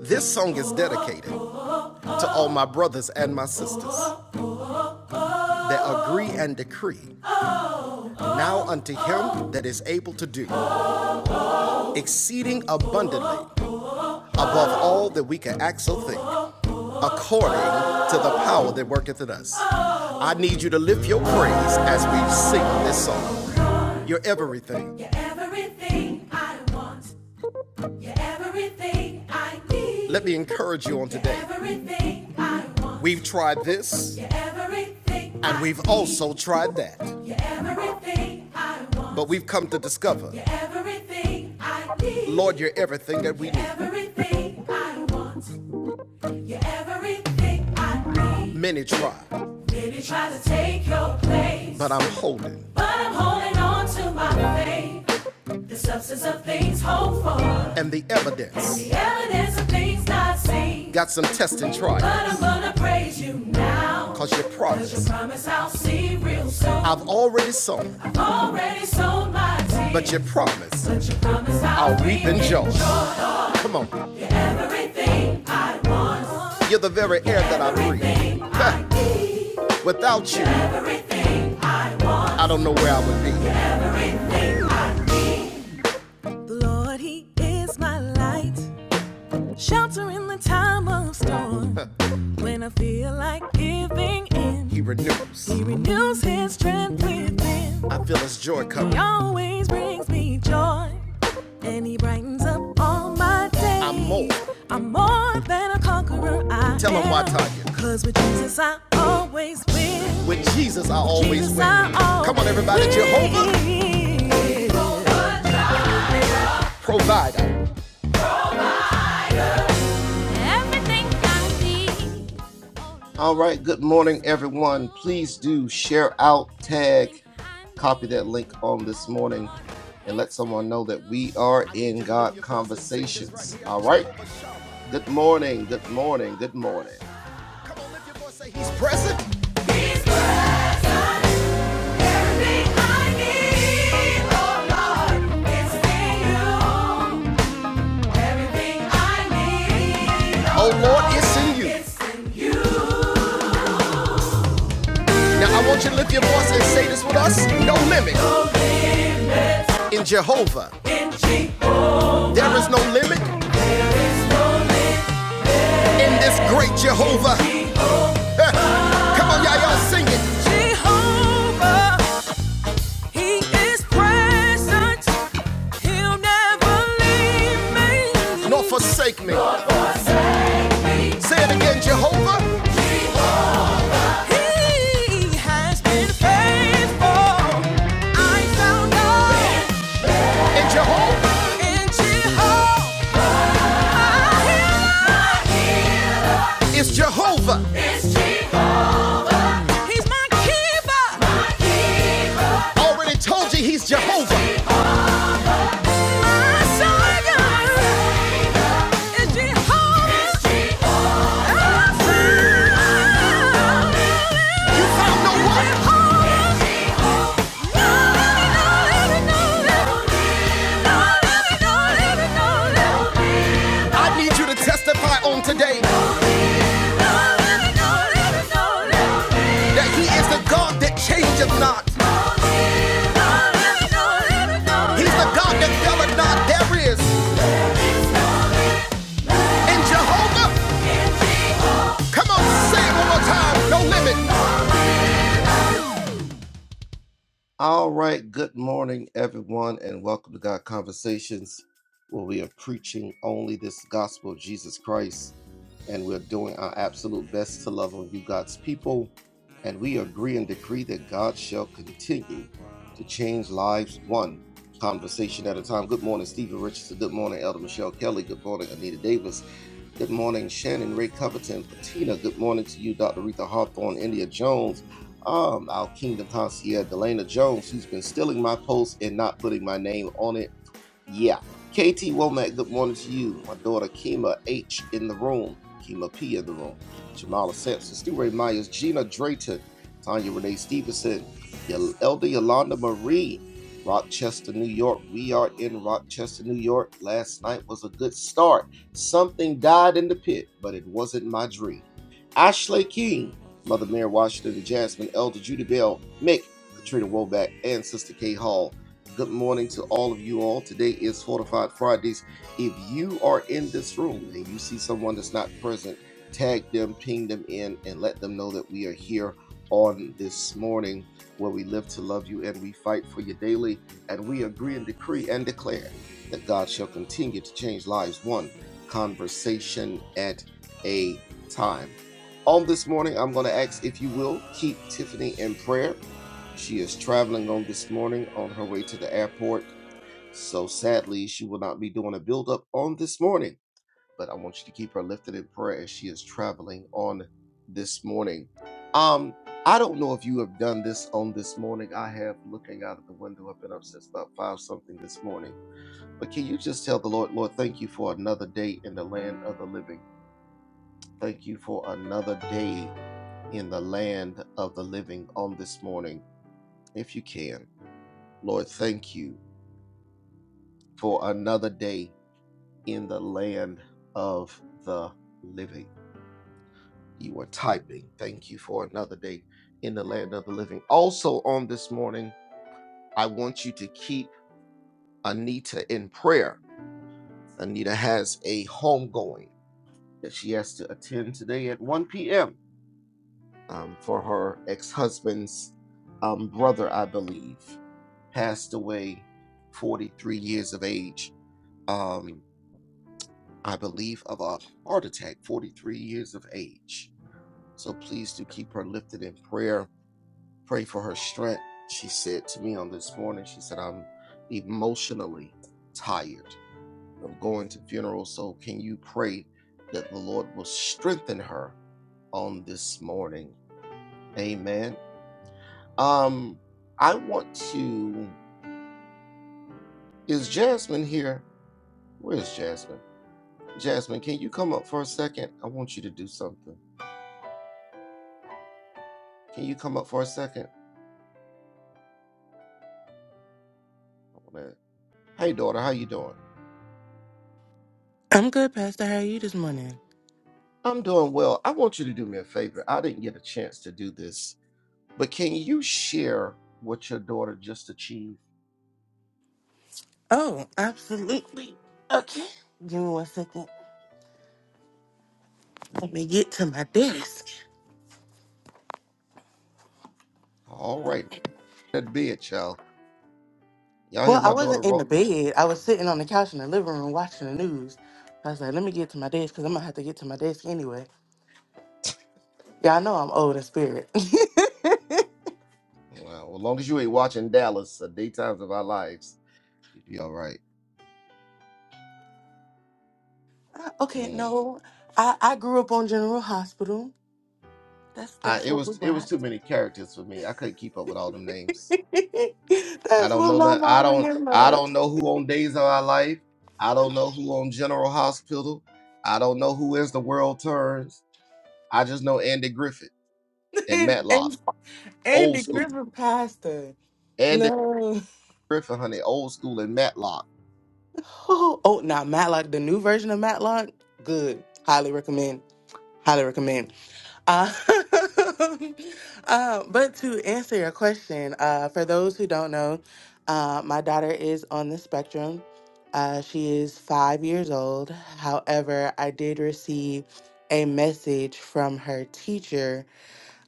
This song is dedicated to all my brothers and my sisters that agree and decree now unto him that is able to do exceeding abundantly above all that we can act or think, according to the power that worketh in us. I need you to lift your praise as we sing this song. You're everything. You're everything I want. You're everything I need. Let me encourage you on today. everything I want. We've tried this, everything and we've also tried that. everything I want. But we've come to discover, You're everything I need. Lord, you're everything that we need. everything I want. You're everything I need. Many try, Many try to take your place, but I'm holding but I'm holding on to my faith. The substance of things hoped for, and the evidence. and the evidence of things not seen. Got some test and try, But I'm gonna praise you now. cause you promised, Cause you promise I'll see real soon. I've already sown, I've already sown, my tears. but you promised But you promise I'll, I'll reap and joy. Come on, you're the very air that I breathe. I Without you, I don't know where I would be. Everything I need. The Lord, He is my light, shelter in the time of storm. When I feel like giving in, He renews. He renews His strength within. I feel His joy coming. He always brings me joy, and He brightens up all my days. I'm more. I'm more than a conqueror. I tell am. Him why, Tanya. Cause with Jesus I always win. With Jesus, I always Jesus, win. I always Come on, everybody. Win. Jehovah, provider. Everything I All right, good morning, everyone. Please do share out, tag, copy that link on this morning, and let someone know that we are in God Conversations. All right, good morning, good morning, good morning. Come on, lift your voice, say he's present. oh Lord, it's in you. oh Lord, it's in you. It's you. Now I want you to lift your voice and say this with us. No limit in Jehovah. There is no limit in this great Jehovah. Come on, y'all, y'all sing it. Jehovah, He is present. He'll never leave me. Nor forsake me. Say it again, Jehovah. He has been faithful. I found out in Jehovah. In Jehovah. It's Jehovah. It's Jehovah. He's my keeper. My keeper. Already told you he's Jehovah. My savior. Is Jehovah. Our Savior. You found no one. I need you to testify on today that he is the God that changes not. He's the God that telleth not there is. In Jehovah, come on, say it one more time. No limit. All right. Good morning, everyone, and welcome to God Conversations, where we are preaching only this gospel of Jesus Christ. and we're doing our absolute best to love on you, God's people. And we agree and decree that God shall continue to change lives one conversation at a time. Good morning, Stephen Richardson. Good morning, Elder Michelle Kelly. Good morning, Anita Davis. Good morning, Shannon Ray Covington, Patina. Good morning to you, Dr. Rita Hawthorne, India Jones, um, our Kingdom Concierge, Delana Jones, who's been stealing my post and not putting my name on it yeah. KT Womack, good morning to you. My daughter Kima H in the room. Kima P in the room. Jamala Sampson, Stewart Myers, Gina Drayton, Tanya Renee Stevenson, Elder Yolanda Marie, Rochester, New York. We are in Rochester, New York. Last night was a good start. Something died in the pit, but it wasn't my dream. Ashley King, Mother Mary Washington Jasmine, Elder Judy Bell, Mick, Katrina Woback, and Sister Kay Hall. Good morning to all of you all. Today is evening. He doesn't tag them in. We are here on this morning where we live to love you and we fight for you daily. And we agree and decree and declare that God shall continue to change lives one conversation at a time. On this morning, I'm going to ask if you will keep Tiffany in prayer. She is traveling on this morning on her way to the airport. So sadly, she will not be doing a build up on this morning but I want you to keep her lifted in prayer as she is traveling on this morning. Um, I don't know if you have done this on this morning. I have looking out of the window. I've been up since about five something this morning. But can you just tell the Lord, Lord, thank you for another day in the land of the living. Thank you for another day in the land of the living on this morning. If you can, Lord, thank you for another day in the land of the living. you are typing. Thank you for another day in the land of the living. Also, on this morning, I want you to keep Anita in prayer. Anita has a homegoing that she has to attend today at 1 p.m. um, for her ex husband's um, brother, I believe, passed away 43 years of age. Um, I believe of a heart attack, 43 years of age. So please do keep her lifted in prayer Pray for her strength. She said to me on this morning, she said, I'm emotionally tired of going to funerals. So can you pray that the Lord will strengthen her on this morning? Amen. Um, I want to is Jasmine here? Where's Jasmine? Jasmine, can you come up for a second? I want you to do something. Can you come up for a second? I wanna- Hey daughter, how you doing? I'm good, Pastor. How are you this morning? I'm doing well. I want you to do me a favor. I didn't get a chance to do this But can you share what your daughter just achieved? Oh, absolutely. Okay. Give me one second. Let me get to my desk. All right, that be it, y'all. Y'all hear Well, I my daughter wasn't in the roll? bed. I was sitting on the couch in the living room watching the news. I was like, let me get to my desk because I'm going to have to get to my desk anyway. Yeah, I know I'm old in spirit. Well, as long as you ain't watching Dallas, the daytimes of our lives, you'd be all right. okay, Mm. no. I, I grew up on General Hospital. That's I, that's it what we was it was watched. too many characters for me. I couldn't keep up with all them names. I that's don't what know my none. I mom and don't them I loved. don't know who on Days of Our Life. I don't know who on General Hospital. I don't know who is the World Turns. I just know Andy Griffith and and, Matlock, and old Andy school. Griffin Pastor. Andy No. Griffith, honey, old school and Matlock. Oh, oh, now Matlock, the new version of Matlock, good. Highly recommend. Highly recommend. Uh, uh, but to answer your question, uh, for those who don't know, uh, my daughter is on the spectrum. Uh, she is five years old. However, I did receive a message from her teacher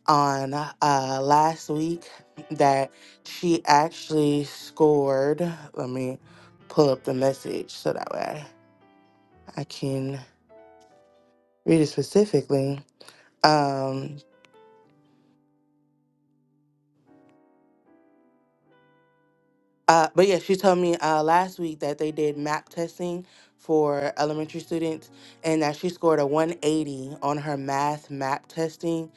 on uh, last week that she actually scored. Let me pull up the message so that way I can read it specifically. um, Uh, but yeah, she told me uh, last week that they did map testing for elementary students and that she scored a 180 on her math map testing,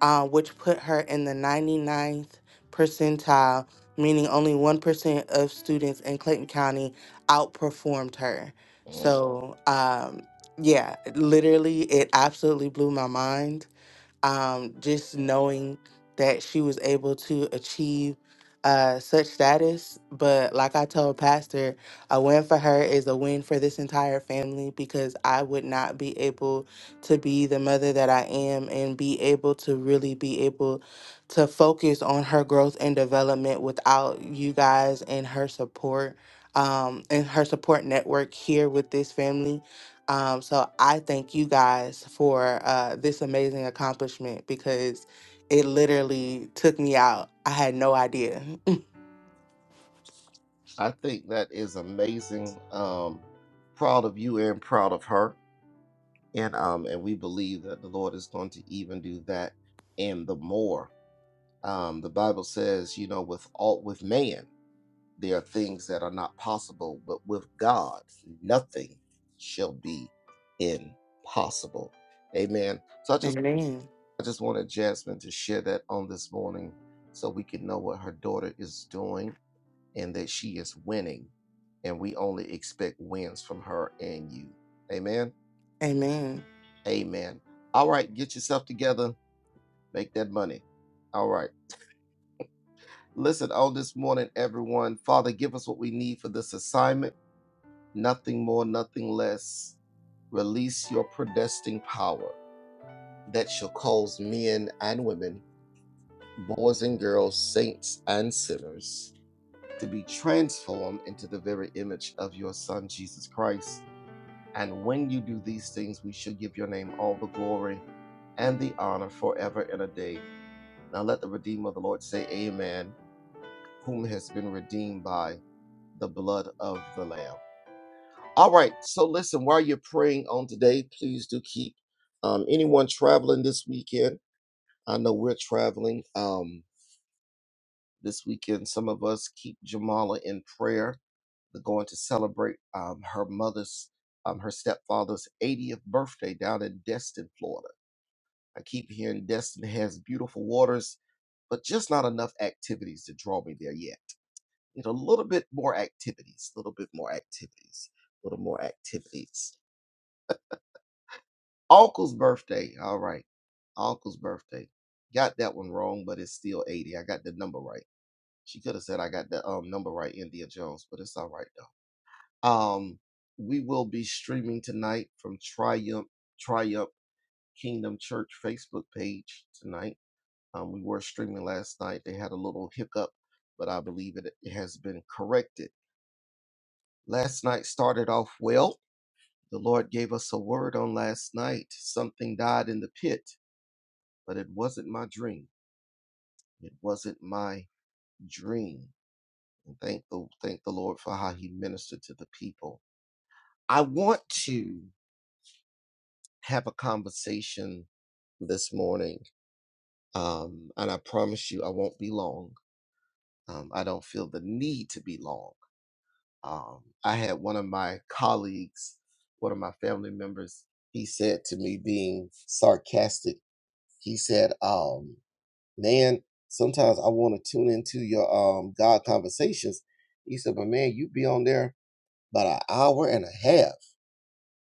uh, which put her in the 99th percentile, meaning only 1% of students in Clayton County outperformed her. Mm, So, um, yeah, literally, it absolutely blew my mind um, just knowing that she was able to achieve uh, such status. But like I told Pastor, a win for her is a win for this entire family because I would not be able to be the mother that I am and be able to really be able to focus on her growth and development without you guys and her support um, and her support network here with this family. Um, so I thank you guys for uh, this amazing accomplishment because it literally took me out. I had no idea. I think that is amazing. Um, proud of you and proud of her. And um, and we believe that the Lord is going to even do that and the more. Um, the Bible says, you know, with all with man, there are things that are not possible, but with God, nothing shall be impossible. Amen. So I just Amen. I just wanted Jasmine to share that on this morning so we can know what her daughter is doing and that she is winning, and we only expect wins from her and you. Amen. Amen. Amen. All right, get yourself together, make that money. All right. Listen, on this morning, everyone, Father, give us what we need for this assignment. Nothing more, nothing less. Release your predestined power that shall cause men and women, boys and girls, saints and sinners to be transformed into the very image of your Son, Jesus Christ. And when you do these things, we should give your name all the glory and the honor forever and a day. Now let the Redeemer of the Lord say, Amen, whom has been redeemed by the blood of the Lamb. All right, so listen, while you're praying on today, please do keep um, anyone traveling this weekend. I know we're traveling um, this weekend. Some of us keep Jamala in prayer. They're going to celebrate um, her mother's, um, her stepfather's 80th birthday down in Destin, Florida. I keep hearing Destin has beautiful waters, but just not enough activities to draw me there yet. Need a little bit more activities, a little bit more activities, a little more activities. Uncle's birthday. All right. Uncle's birthday. Got that one wrong, but it's still 80. I got the number right. She could have said I got the um, number right, India Jones, but it's all right though. Um, we will be streaming tonight from Triumph Triumph Kingdom Church Facebook page tonight Um, we were streaming last night. They had a little hiccup, but I believe it, it has been corrected. Last night started off well. The Lord gave us a word on last night. Something died in the pit, but it wasn't my dream. It wasn't my dream. And thank the thank the Lord for how He ministered to the people. I want to have a conversation this morning, um, and I promise you I won't be long. Um, I don't feel the need to be long Um, I had one of my colleagues, one of my family members, he said to me, being sarcastic, he said, um, Man, sometimes I want to tune into your um, God conversations. He said, But man, you be on there about an hour and a half.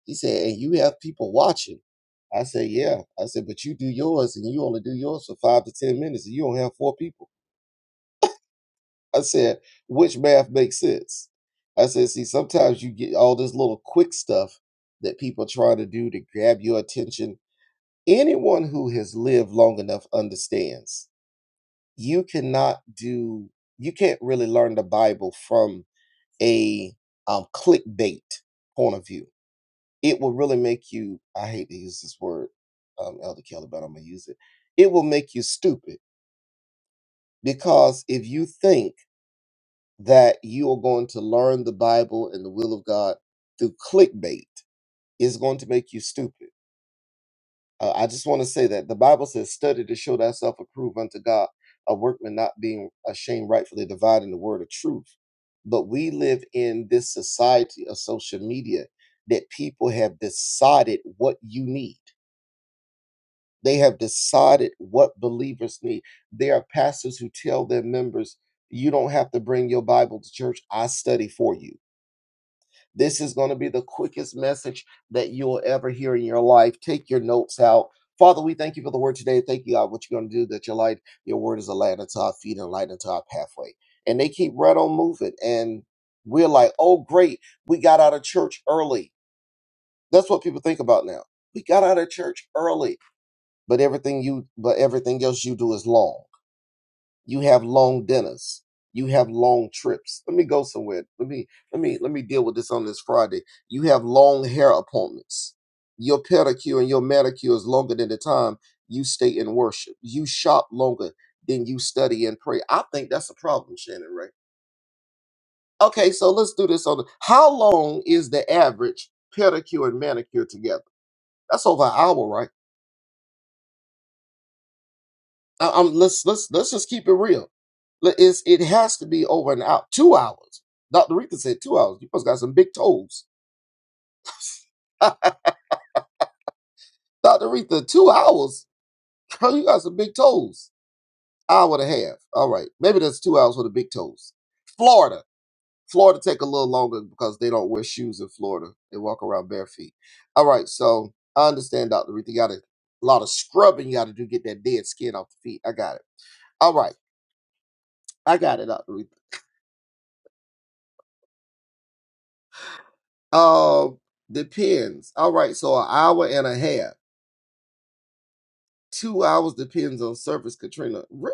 He said, And you have people watching. I said, Yeah. I said, But you do yours and you only do yours for five to 10 minutes and you don't have four people. I said, which math makes sense? I said, see, sometimes you get all this little quick stuff that people try to do to grab your attention. Anyone who has lived long enough understands you cannot do, you can't really learn the Bible from a um, clickbait point of view. It will really make you, I hate to use this word, um, Elder Kelly, but I'm going to use it. It will make you stupid because if you think, that you are going to learn the Bible and the will of God through clickbait is going to make you stupid. Uh, I just want to say that the Bible says, study to show thyself approved unto God, a workman not being ashamed, rightfully dividing the word of truth. But we live in this society of social media that people have decided what you need. They have decided what believers need. There are pastors who tell their members, you don't have to bring your Bible to church. I study for you This is going to be the quickest message that you will ever hear in your life. Take your notes out. Father, we thank you for the word today. Thank you, God, what you're going to do, that your light, your word is a light unto our feet and a light unto our pathway. And they keep right on moving. And we're like, oh, great. We got out of church early. That's what people think about now. We got out of church early, but everything you, but everything else you do is long. You have long dinners. You have long trips. Let me go somewhere. Let me let me let me deal with this on this Friday. You have long hair appointments. Your pedicure and your manicure is longer than the time you stay in worship. You shop longer than you study and pray. I think that's a problem, Shannon Ray. Okay, so let's do this on the, how long is the average pedicure and manicure together? That's over an hour, right? I- I'm, let's let's let's just keep it real. Let- It's, it has to be over an hour, two hours. Dr. Rita said two hours. You must got some big toes. Dr. Rita, two hours. Girl, you got some big toes. Hour and a half. All right, maybe that's two hours for the big toes. Florida, Florida take a little longer because they don't wear shoes in Florida. They walk around bare feet. All right, so I understand, Dr. Rita. You got a lot of scrubbing you got to do to get that dead skin off the feet. I got it. All right, I got it, Dr. Rita. Uh, depends. All right, so an hour and a half, two hours depends on service. Katrina, Re-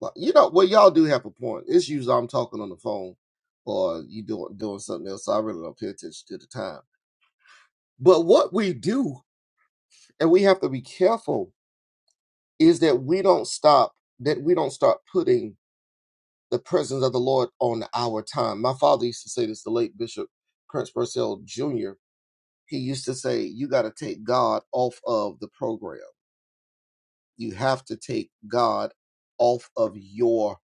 well, you know, well, y'all do have a point. It's usually I'm talking on the phone, or you doing doing something else. So I really don't pay attention to the time. But what we do, and we have to be careful, is that we don't stop. That we don't start putting the presence of the Lord on our time. My father used to say this. The late Bishop Prince Purcell Jr. He used to say, "You got to take God off of the program." You have to take God off of your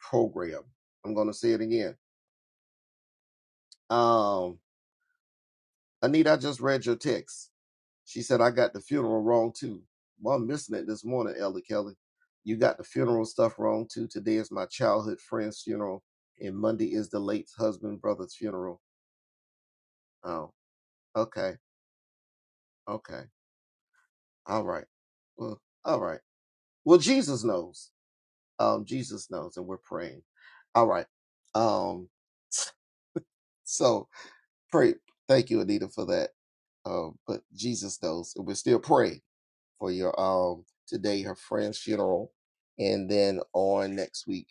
program. I'm going to say it again. Um, Anita, I just read your text. She said, I got the funeral wrong too. Well, I'm missing it this morning, Elder Kelly. You got the funeral stuff wrong too. Today is my childhood friend's funeral, and Monday is the late husband brother's funeral. Oh, okay. Okay. All right. Well, all right. Well, Jesus knows. Um, Jesus knows, and we're praying. All right. Um, so Pray. Thank you, Anita, for that. Um, but Jesus knows, and we're still praying for your um today her friend's funeral, and then on next week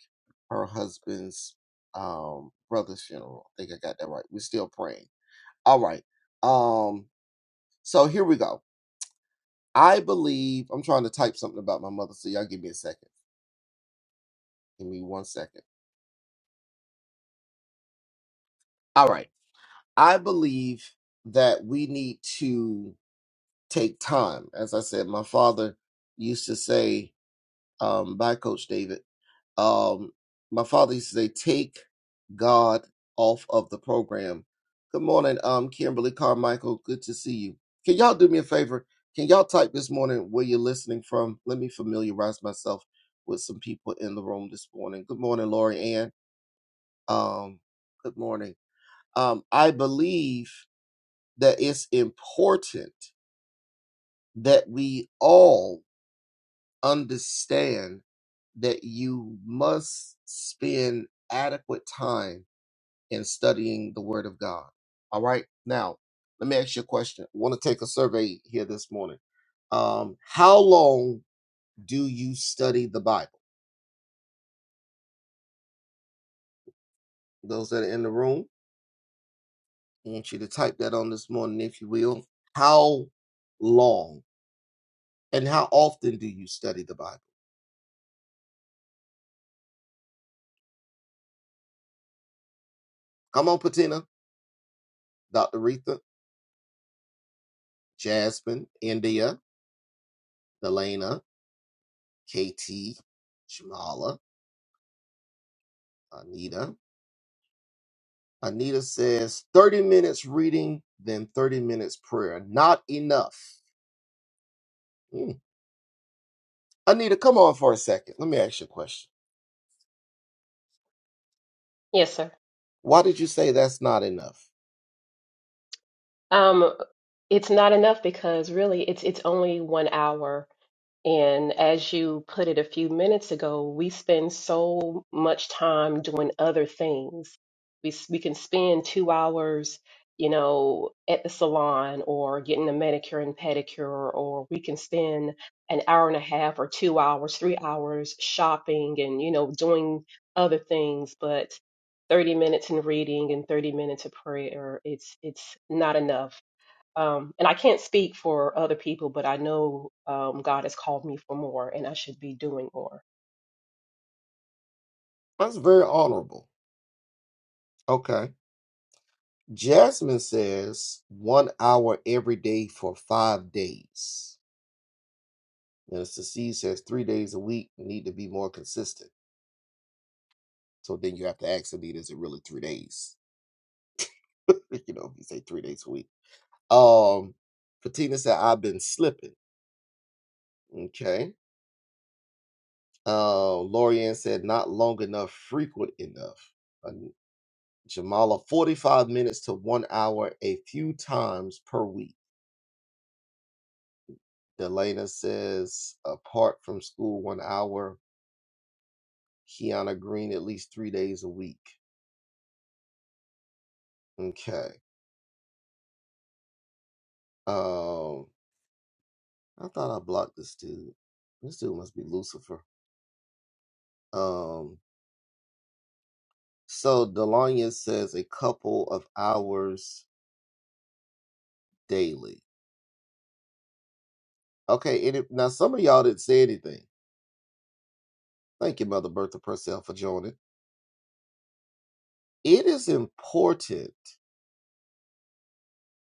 her husband's um brother's funeral. I think I got that right. We're still praying. All right. Um. So here we go. I believe I'm trying to type something about my mother. So y'all give me a second. Give me one second. All right. I believe that we need to take time. As I said, my father used to say um, by Coach David. Um, my father used to say, "Take God off of the program." Good morning, um, Kimberly Carmichael. Good to see you. Can y'all do me a favor? Can y'all type this morning where you're listening from? Let me familiarize myself with some people in the room this morning. Good morning, Lori Ann. Um, good morning. Um, I believe that it's important that we all understand that you must spend adequate time in studying the Word of God. All right. Now, let me ask you a question. I want to take a survey here this morning. Um, how long do you study the Bible? Those that are in the room, I want you to type that on this morning, if you will. How long and how often do you study the Bible? Come on, Patina, Dr. Retha, Jasmine, India, Delana. KT, Shamala, Anita. Anita says 30 minutes reading, then 30 minutes prayer. Not enough. Hmm. Anita, come on for a second. Let me ask you a question. Yes, sir. Why did you say that's not enough? Um, it's not enough because really it's it's only one hour. And as you put it a few minutes ago, we spend so much time doing other things. We, s- we can spend two hours, you know, at the salon or getting a manicure and pedicure, or we can spend an hour and a half or two hours, three hours shopping and, you know, doing other things. But 30 minutes in reading and 30 minutes of prayer, it's, it's not enough um, and I can't speak for other people, but I know um, God has called me for more and I should be doing more. That's very honorable. Okay. Jasmine says one hour every day for five days. Minister C says three days a week need to be more consistent. So then you have to ask Anita, is it really three days? you know, if you say three days a week. Um, Patina said, I've been slipping. Okay. Uh, Lorianne said, not long enough, frequent enough. Um, Jamala, 45 minutes to one hour a few times per week. Delana says, apart from school, one hour. Kiana Green, at least three days a week. Okay. Um, I thought I blocked this dude. This dude must be Lucifer. Um, so Delania says a couple of hours daily. Okay, and it, now some of y'all didn't say anything. Thank you, Mother Bertha Purcell, for joining. It is important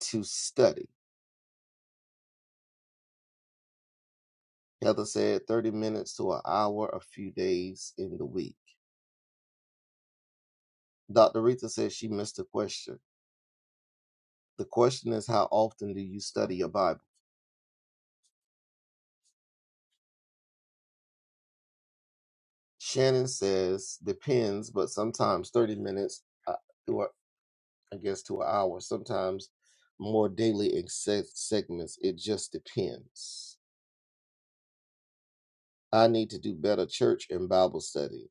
to study. Heather said 30 minutes to an hour a few days in the week. Dr. Rita says she missed a question. The question is, how often do you study your Bible? Shannon says, depends, but sometimes 30 minutes uh, to, a, I guess, to an hour, sometimes more daily in se- segments. It just depends. I need to do better church and Bible study.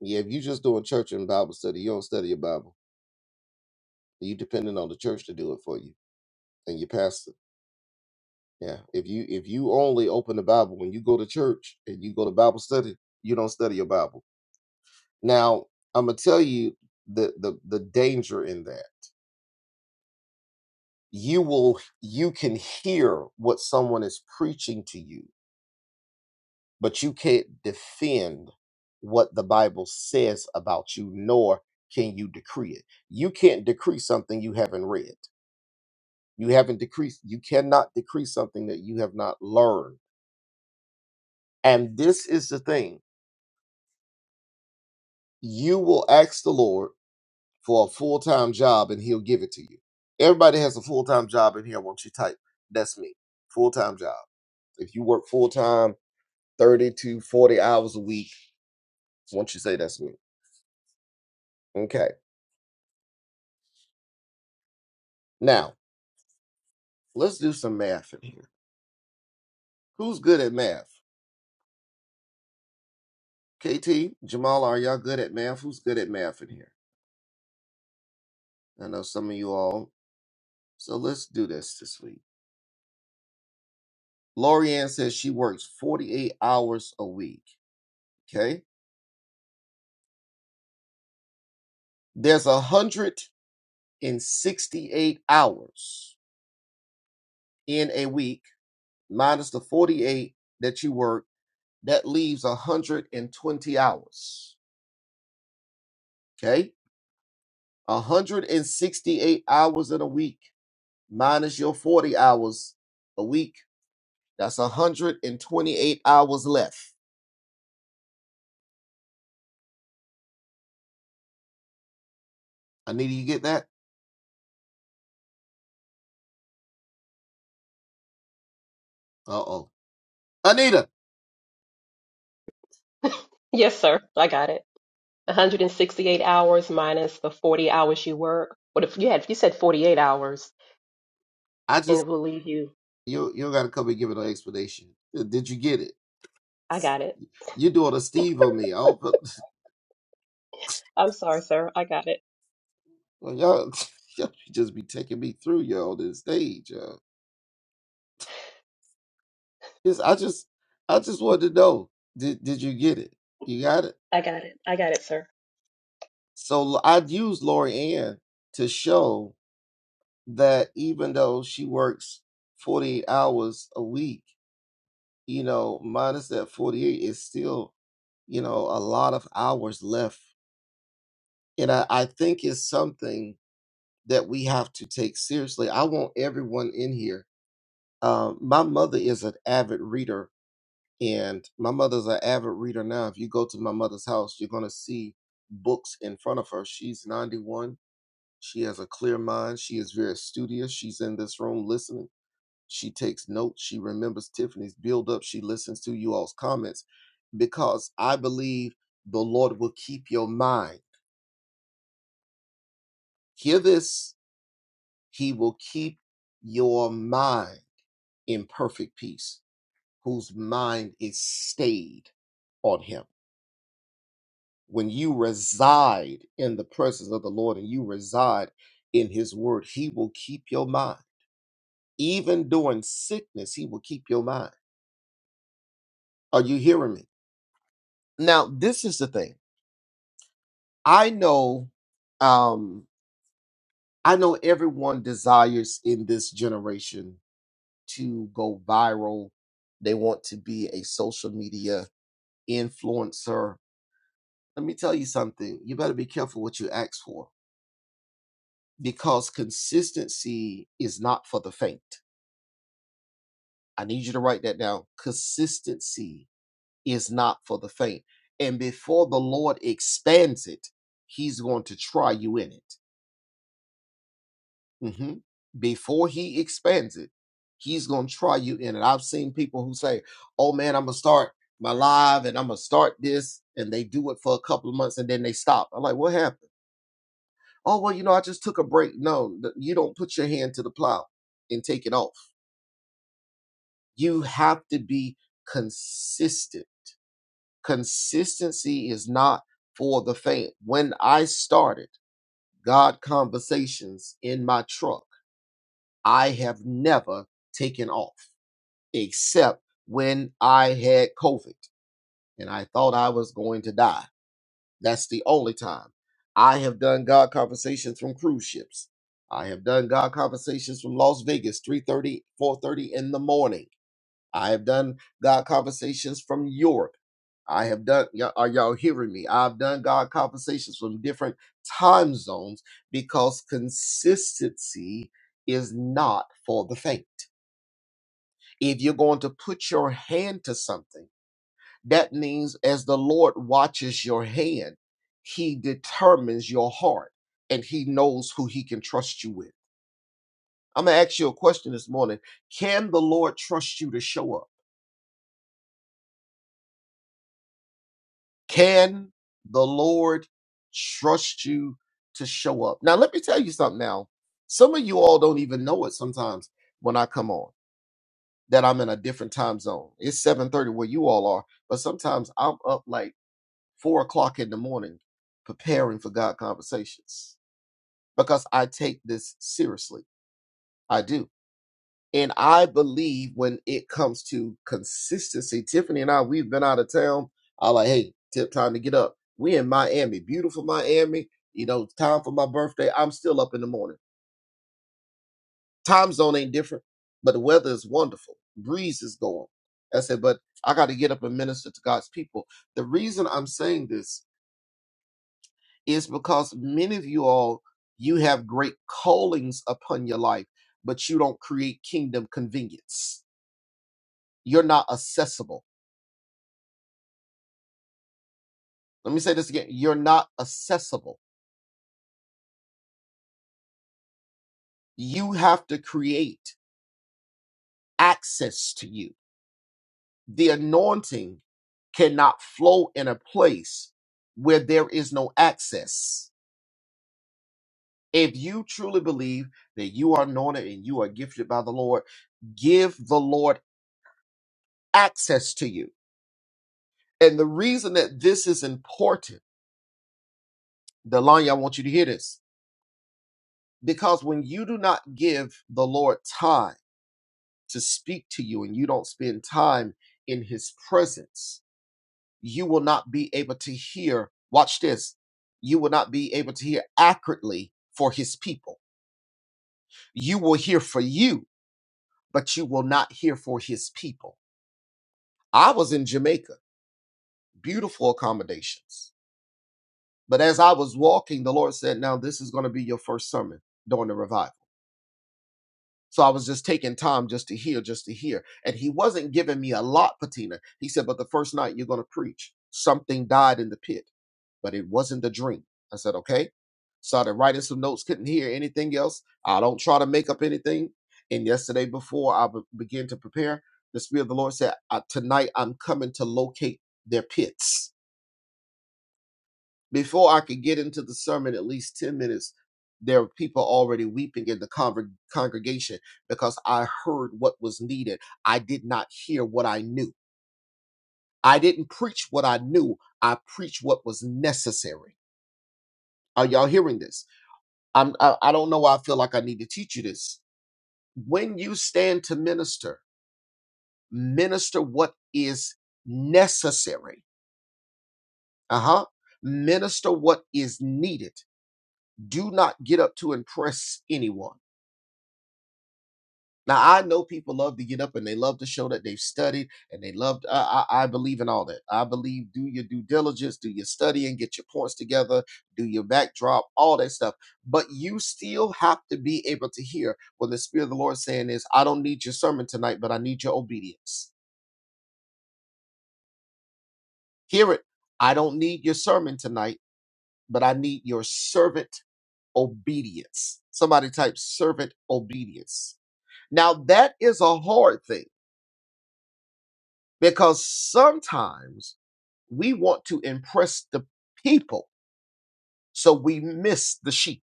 Yeah, if you just doing church and Bible study, you don't study your Bible. You depending on the church to do it for you and your pastor. Yeah. If you if you only open the Bible when you go to church and you go to Bible study, you don't study your Bible. Now, I'm gonna tell you the the the danger in that. You will you can hear what someone is preaching to you but you can't defend what the Bible says about you, nor can you decree it. You can't decree something you haven't read. You haven't decreased, you cannot decree something that you have not learned. And this is the thing you will ask the Lord for a full time job and he'll give it to you. Everybody has a full time job in here. Won't you type? That's me. Full time job. If you work full time, 30 to 40 hours a week, won't you say that's me? Okay. Now, Let's do some math in here. Who's good at math? KT, Jamal, are y'all good at math? Who's good at math in here? I know some of you all. So let's do this this week. Loriann says she works 48 hours a week. Okay. There's 168 hours in a week, minus the 48 that you work. That leaves 120 hours. Okay. 168 hours in a week. minus your 40 hours a week. That's 128 hours left. Anita, you get that? Uh oh. Anita, Yes, sir. I got it. 168 hours minus the 40 hours you work. What if you had, you said 48 hours I and just, it will leave you? you you got to come and give it an explanation. Did you get it? I got it. You're doing a Steve on me. Oh, but I'm sorry, sir. I got it. well, y'all, y'all just be taking me through y'all this stage. Y'all. Just, I just, I just wanted to know, did, did you get it? You got it? I got it. I got it, sir. So I'd use Lori Ann to show that even though she works 48 hours a week, you know, minus that 48 is still, you know, a lot of hours left. And I, I think it's something that we have to take seriously. I want everyone in here. Um, my mother is an avid reader, and my mother's an avid reader now. If you go to my mother's house, you're going to see books in front of her. She's 91. She has a clear mind. She is very studious. She's in this room listening She takes notes. She remembers Tiffany's build up. She listens to you all's comments because I believe the Lord will keep your mind. Hear this. He will keep your mind in perfect peace, whose mind is stayed on him. When you reside in the presence of the Lord and you reside in his word, he will keep your mind. Even during sickness, he will keep your mind. Are you hearing me? Now, this is the thing. I know, um, I know everyone desires in this generation to go viral. They want to be a social media influencer. Let me tell you something. You better be careful what you ask for because consistency is not for the faint. I need you to write that down. Consistency is not for the faint. And before the Lord expands it, He's going to try you in it. hmm before he expands it, he's gonna try you in it. I've seen people who say, "Oh man, I'm gonna start my live and I'm gonna start this," and they do it for a couple of months and then they stop. I'm like, "What happened?" Oh well, you know, I just took a break. No, th- you don't put your hand to the plow and take it off. You have to be consistent. Consistency is not for the faint. When I started God conversations in my truck, I have never taken off. except when I had COVID and I thought I was going to die. That's the only time. I have done God conversations from cruise ships. I have done God conversations from Las Vegas, three thirty, four thirty in the morning. I have done God conversations from Europe. I have done you are y'all hearing me? I've done God conversations from different time zones because consistency is not for the faint. If you're going to put your hand to something, That means as the Lord watches your hand, he determines your heart and he knows who he can trust you with. I'm going to ask you a question this morning. Can the Lord trust you to show up? Can the Lord trust you to show up? Now, let me tell you something now. Some of you all don't even know it sometimes when I come on that I'm in a different time zone. It's 7:30 where you all are, but sometimes I'm up like four o'clock in the morning preparing for God conversations because I take this seriously. I do. And I believe when it comes to consistency, Tiffany and I, we've been out of town. I like, hey, tip time to get up. We in Miami, beautiful Miami. You know, time for my birthday. I'm still up in the morning. Time zone ain't different, but the weather is wonderful. Breeze is going. I said, but I got to get up and minister to God's people. The reason I'm saying this is because many of you all you have great callings upon your life but you don't create kingdom convenience you're not accessible let me say this again you're not accessible you have to create access to you the anointing cannot flow in a place where there is no access if you truly believe that you are anointed and you are gifted by the lord give the lord access to you And the reason that this is important, Delanya, I want you to hear this. Because when you do not give the Lord time to speak to you and you don't spend time in his presence, you will not be able to hear. Watch this. You will not be able to hear accurately for his people. You will hear for you, but you will not hear for his people. I was in Jamaica, beautiful accommodations. But as I was walking, the Lord said, Now this is going to be your first sermon during the revival. So I was just taking time just to hear, just to hear. And he wasn't giving me a lot, Patina. He said, But the first night you're going to preach, something died in the pit, but it wasn't the dream. I said, Okay. Started writing some notes, couldn't hear anything else. I don't try to make up anything. And yesterday, before I be- began to prepare, the Spirit of the Lord said, "Uh, Tonight I'm coming to locate their pits. Before I could get into the sermon, at least 10 minutes, there were people already weeping in the conver- congregation because I heard what was needed. I did not hear what I knew. I didn't preach what I knew. I preached what was necessary. Are y'all hearing this? I'm, I, I don't know why I feel like I need to teach you this. When you stand to minister, minister what is necessary. Uh huh. Minister what is needed. Do not get up to impress anyone. Now I know people love to get up and they love to show that they've studied and they love. I, I, I believe in all that. I believe do your due diligence, do your studying, get your points together, do your backdrop, all that stuff. But you still have to be able to hear what the Spirit of the Lord is saying is, I don't need your sermon tonight, but I need your obedience. Hear it. I don't need your sermon tonight, but I need your servant obedience. Somebody type servant obedience. Now that is a hard thing because sometimes we want to impress the people so we miss the sheep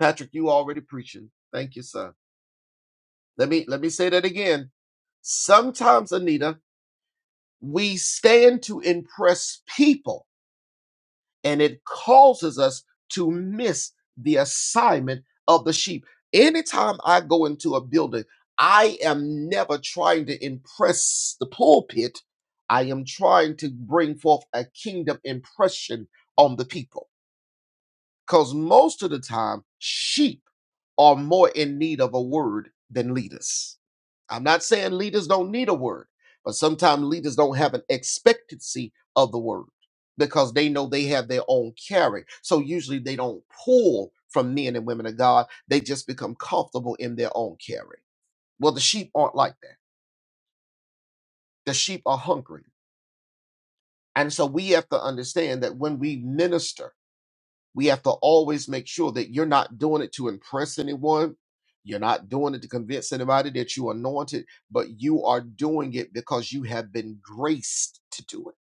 patrick you already preaching thank you son let me let me say that again sometimes anita we stand to impress people and it causes us to miss the assignment of the sheep anytime i go into a building i am never trying to impress the pulpit i am trying to bring forth a kingdom impression on the people because most of the time sheep are more in need of a word than leaders. I'm not saying leaders don't need a word, but sometimes leaders don't have an expectancy of the word because they know they have their own carry. So usually they don't pull from men and women of God. They just become comfortable in their own carry. Well, the sheep aren't like that. The sheep are hungry. And so we have to understand that when we minister, we have to always make sure that you're not doing it to impress anyone. You're not doing it to convince anybody that you are anointed, but you are doing it because you have been graced to do it.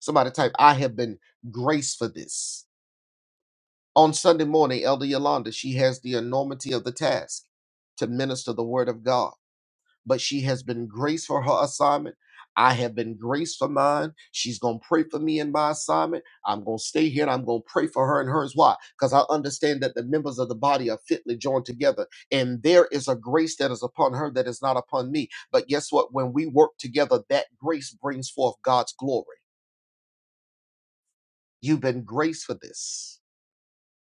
Somebody type, I have been graced for this. On Sunday morning, Elder Yolanda, she has the enormity of the task to minister the word of God but she has been graced for her assignment. I have been graced for mine. She's going to pray for me in my assignment. I'm going to stay here and I'm going to pray for her and hers. Why? Because I understand that the members of the body are fitly joined together. And there is a grace that is upon her that is not upon me. But guess what? When we work together, that grace brings forth God's glory. You've been graced for this.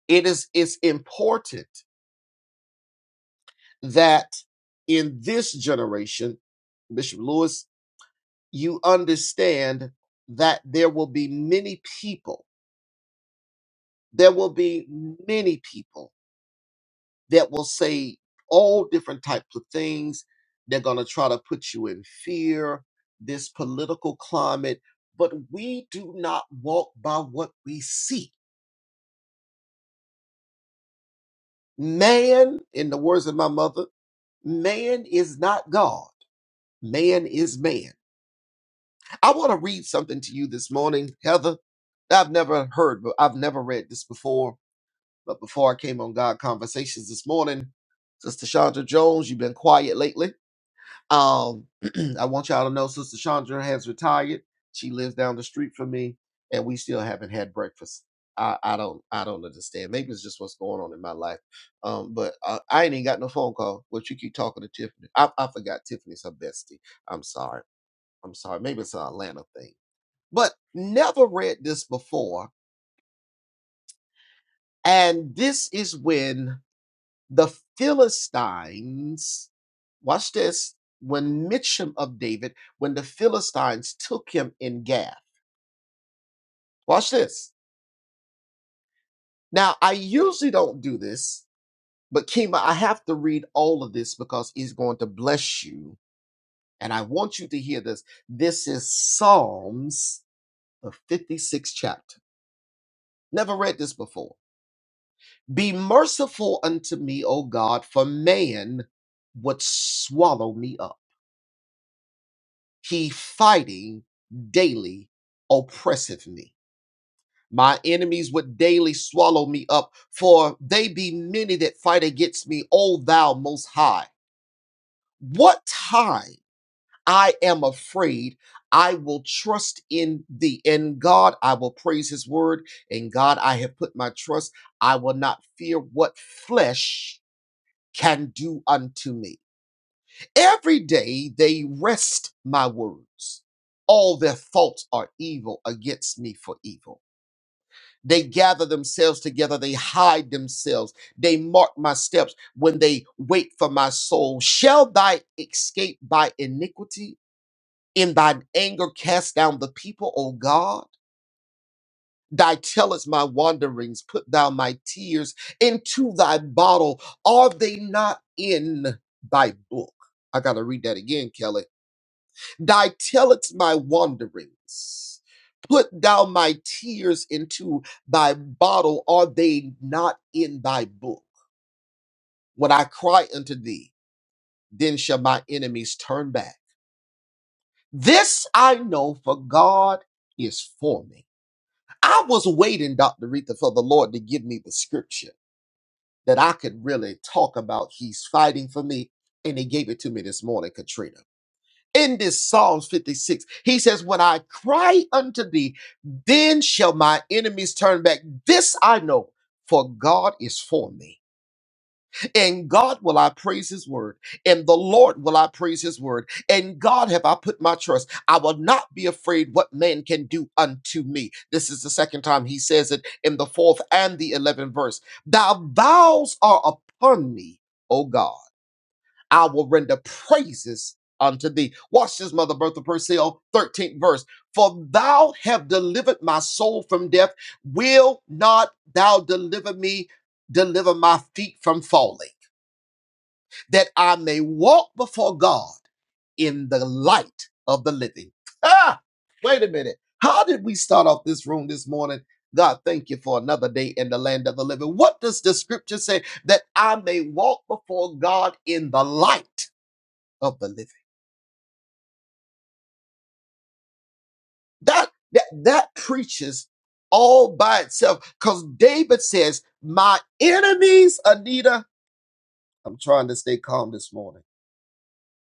It is it's important that in this generation, Bishop Lewis you understand that there will be many people there will be many people that will say all different types of things they're going to try to put you in fear this political climate but we do not walk by what we see man in the words of my mother man is not god man is man i want to read something to you this morning heather that i've never heard but i've never read this before But before I came on God Conversations this morning, Sister Chandra Jones, you've been quiet lately. Um, I want y'all to know Sister Chandra has retired. She lives down the street from me, and we still haven't had breakfast. I, I don't I don't understand. Maybe it's just what's going on in my life. Um, but uh, I ain't even got no phone call. But you keep talking to Tiffany. I, I forgot Tiffany's her bestie. I'm sorry. I'm sorry. Maybe it's an Atlanta thing. But never read this before. And this is when The Philistines, watch this, when Mitcham of David, when the Philistines took him in Gath. Watch this. Now, I usually don't do this, but Kima, I have to read all of this because he's going to bless you. And I want you to hear this. This is Psalms, the 56th chapter. Never read this before. Be merciful unto me, O God, for man would swallow me up. He fighting daily oppresseth me. My enemies would daily swallow me up, for they be many that fight against me, O thou most high. What time I am afraid, I will trust in thee. In God, I will praise his word. In God, I have put my trust. I will not fear what flesh can do unto me. Every day they rest my words. All their thoughts are evil against me for evil. They gather themselves together, they hide themselves, they mark my steps when they wait for my soul. Shall thy escape by iniquity? In thine anger cast down the people, O God. Thy tellest my wanderings, put thou my tears into thy bottle. Are they not in thy book? I gotta read that again, Kelly Thy telleth my wanderings. Put thou my tears into thy bottle, are they not in thy book? When I cry unto thee, then shall my enemies turn back. This I know, for God is for me. I was waiting, Dr. Retha, for the Lord to give me the scripture that I could really talk about. He's fighting for me, and He gave it to me this morning, Katrina. in this Psalms 56. He says, When I cry unto thee, then shall my enemies turn back. This I know, for God is for me. In God will I praise his word. In the Lord will I praise his word. In God have I put my trust. I will not be afraid what man can do unto me. This is the second time he says it in the fourth and the eleventh verse. Thy vows are upon me, O God. I will render praises unto thee. Watch this, Mother Bertha Purcell, 13th verse. For thou have delivered my soul from death. Will not thou deliver me, deliver my feet from falling, that I may walk before God in the light of the living. Ah, wait a minute. How did we start off this room this morning? God, thank you for another day in the land of the living. What does the scripture say? That I may walk before God in the light of the living. That that that preaches all by itself because David says, My enemies, Anita, I'm trying to stay calm this morning.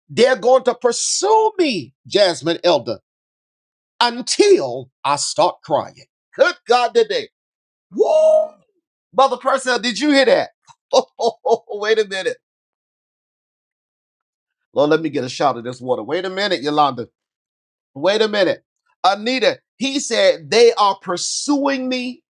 They're going to pursue me, Jasmine Elder, until I start crying. Good God today. Woo! Mother Purcell, did you hear that? Oh, wait a minute. Lord, let me get a shot of this water. Wait a minute, Yolanda. Wait a minute. Anita, he said, they are pursuing me.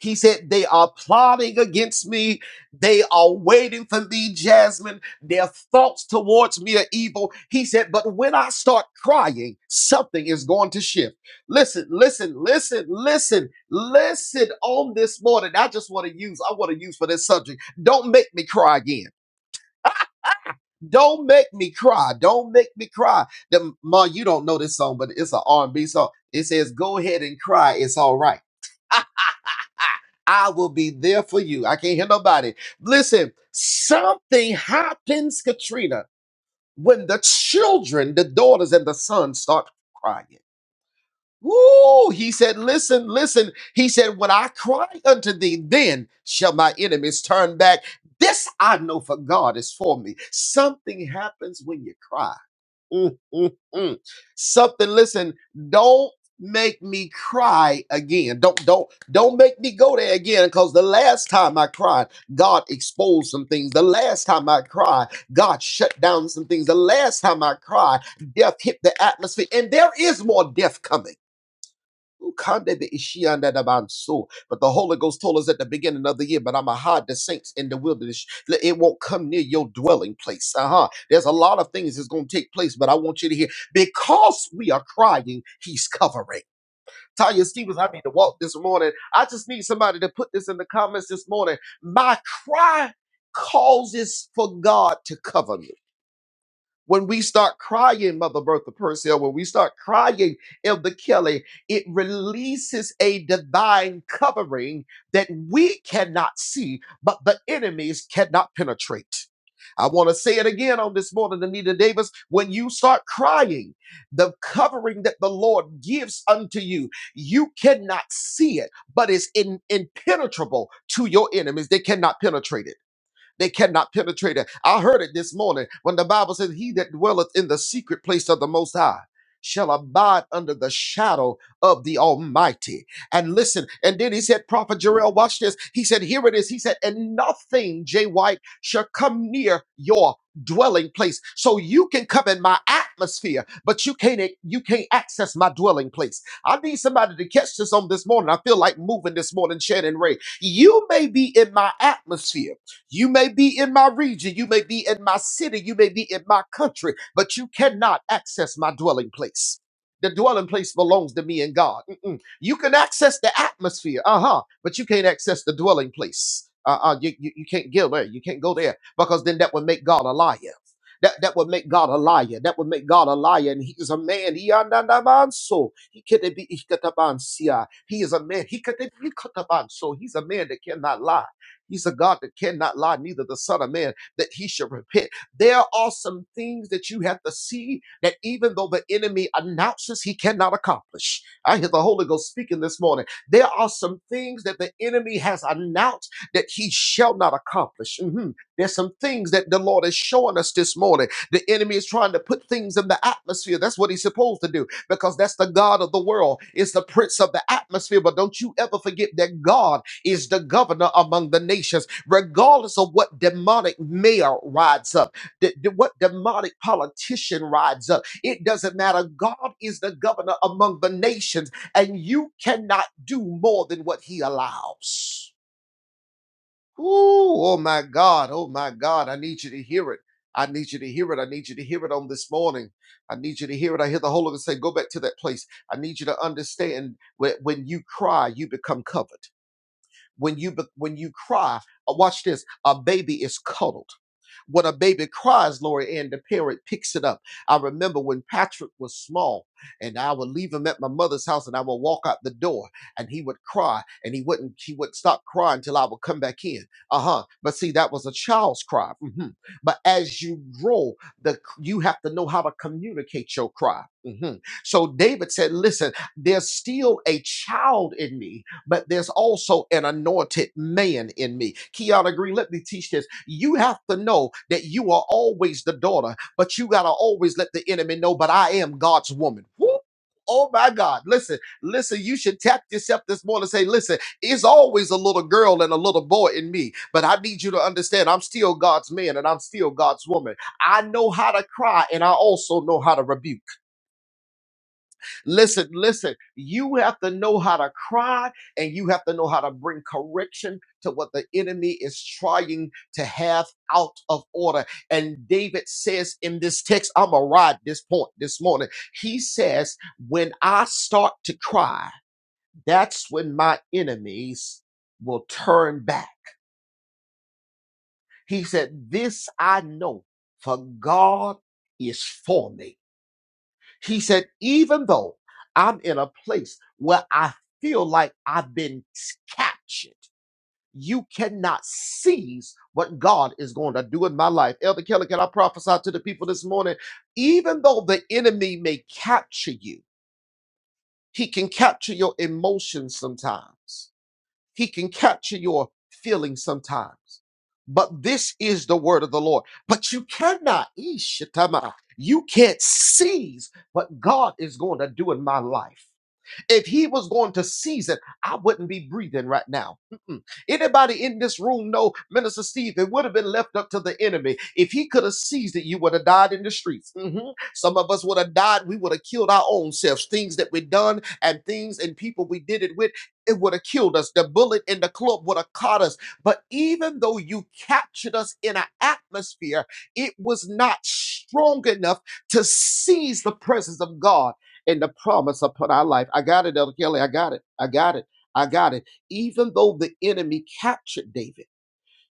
He said, they are plotting against me. They are waiting for me, Jasmine. Their thoughts towards me are evil. He said, but when I start crying, something is going to shift. Listen, listen, listen, listen, listen on this morning. I just want to use, I want to use for this subject. Don't make me cry again. Don't make me cry. Don't make me cry. The, Ma, you don't know this song, but it's an R&B song. It says, go ahead and cry. It's all right. I will be there for you. I can't hear nobody. Listen, something happens, Katrina, when the children, the daughters and the sons start crying. Woo! He said, listen, listen. He said, when I cry unto thee, then shall my enemies turn back. This I know for God is for me. Something happens when you cry Mm. mm, mm. Something, listen, don't make me cry again. Don't don't don't make me go there again because the last time I cried, God exposed some things. The last time I cried, God shut down some things. The last time I cried, death hit the atmosphere. And there is more death coming. Kande be ishianda da banso. But the Holy Ghost told us at the beginning of the year, but I'm going to hide the saints in the wilderness. Let- It won't come near your dwelling place. Uh-huh. There's a lot of things that's going to take place, but I want you to hear, because we are crying, he's covering. Tanya Stevens, I need to walk this morning. I just need somebody to put this in the comments this morning. My cry causes for God to cover me. When we start crying, Mother Bertha Purcell, when we start crying, Elder Kelly, it releases a divine covering that we cannot see, but the enemies cannot penetrate. I want to say it again on this morning, Anita Davis. When you start crying, the covering that the Lord gives unto you, you cannot see it, but it's in, impenetrable to your enemies. They cannot penetrate it they cannot penetrate it. I heard it this morning when the Bible says, He that dwelleth in the secret place of the Most High shall abide under the shadow of the Almighty. And listen, and then he said, Prophet Jarrell, watch this. He said, Here it is. He said, And nothing, Jay White, shall come near your dwelling place so you can come in my atmosphere but you can't you can't access my dwelling place i need somebody to catch this on this morning i feel like moving this morning shannon ray you may be in my atmosphere you may be in my region, you may be in my city, you may be in my country, but you cannot access my dwelling place. The dwelling place belongs to me and God. Mm-mm. You can access the atmosphere, uh huh, but you can't access the dwelling place. Uh uh you, you, you can't go there, you can't go there because then that would make God a liar. That, that would make God a liar. That would make God a liar. And he is a man. He andanabanso. He could be ikatabansia. He is a man. He could be ikatabanso. He's a man that cannot lie. He's a God that cannot lie, neither the Son of Man that he should repent. There are some things that you have to see that even though the enemy announces he cannot accomplish, I hear the Holy Ghost speaking this morning. There are some things that the enemy has announced that he shall not accomplish. Mhm. There's some things that the Lord is showing us this morning. The enemy is trying to put things in the atmosphere. That's what he's supposed to do because that's the God of the world. It's the prince of the atmosphere. But don't you ever forget that God is the governor among the nations, regardless of what demonic mayor rides up, th- th- what demonic politician rides up. It doesn't matter. God is the governor among the nations, and you cannot do more than what he allows. Ooh, oh my God, oh my God, I need you to hear it. I need you to hear it. I need you to hear it on this morning. I need you to hear it. I hear the Holy Ghost say, Go back to that place. I need you to understand when, when you cry, you become covered. When you be- when you cry, uh, watch this. A baby is cuddled. When a baby cries, Lori Ann, the parent picks it up. I remember when Patrick was small, and I would leave him at my mother's house, and I would walk out the door, and he would cry, and he wouldn't he would stop crying till I would come back in. Uh huh. But see, that was a child's cry. hmm But as you grow, the you have to know how to communicate your cry. hmm So David said, "Listen, there's still a child in me but there's also an anointed man in me. Kiana Green, let me teach this. You have to know that you are always the daughter, but you got to always let the enemy know, but I am God's woman. Woo! Oh my God. Listen, listen, you should tap yourself this morning and say, listen, it's always a little girl and a little boy in me, but I need you to understand I'm still God's man and I'm still God's woman. I know how to cry and I also know how to rebuke. Listen, listen, you have to know how to cry and you have to know how to bring correction to what the enemy is trying to have out of order. And David says in this text, I'm going to ride this point this morning. He says, When I start to cry, that's when my enemies will turn back. He said, This I know, for God is for me. He said, even though I'm in a place where I feel like I've been captured, you cannot seize what God is going to do in my life. Elder Keller, can I prophesy to the people this morning? Even though the enemy may capture you, he can capture your emotions sometimes. He can capture your feelings sometimes. But this is the word of the Lord. But you cannot, Ishatama, you can't seize what God is going to do in my life. If he was going to seize it, I wouldn't be breathing right now. Mm-mm. Anybody in this room know Minister Steve? It would have been left up to the enemy. If he could have seized it, you would have died in the streets. Mhm. Some of us would have died. We would have killed our own selves. Things that we done and things and people we did it with, it would have killed us. The bullet in the club would have caught us. But even though you captured us in an atmosphere, it was not strong enough to seize the presence of God and the promise upon our life. I got it, Elder Kelly. I got it. I got it. I got it. Even though the enemy captured David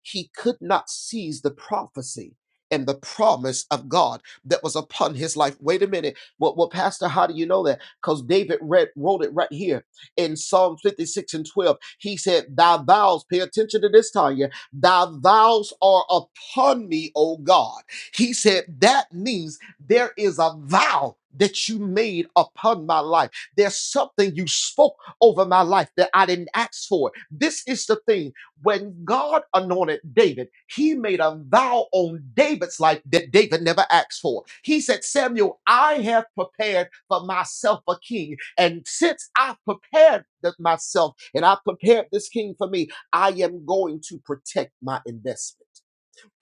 he could not seize the prophecy and the promise of God that was upon his life. Wait a minute. Well, well Pastor, how do you know that? Because David read, wrote it right here in Psalm 56 and 12. He said, Thy vows, pay attention to this, Tanya, thy vows are upon me, O God. He said, That means there is a vow that you made upon my life. There's something you spoke over my life that I didn't ask for. This is the thing when God anointed David, he made a vow on David's life that David never asked for. He said, Samuel, I have prepared for myself a king. And since I've prepared th- myself and I've prepared this king for me, I am going to protect my investment.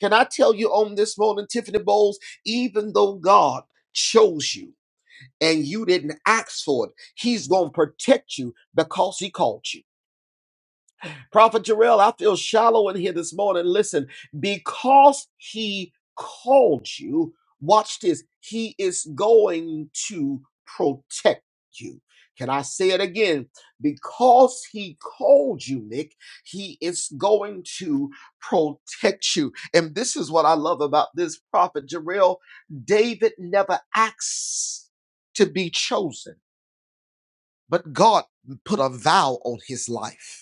Can I tell you on this morning, Tiffany Bowles, even though God chose you and you didn't ask for it, he's going to protect you because he called you. Prophet Jarrell, I feel shallow in here this morning. Listen, because he called you, watch this, he is going to protect you. Can I say it again? Because he called you, Nick, he is going to protect you. And this is what I love about this prophet Jarrell. David never asks to be chosen, but God put a vow on his life.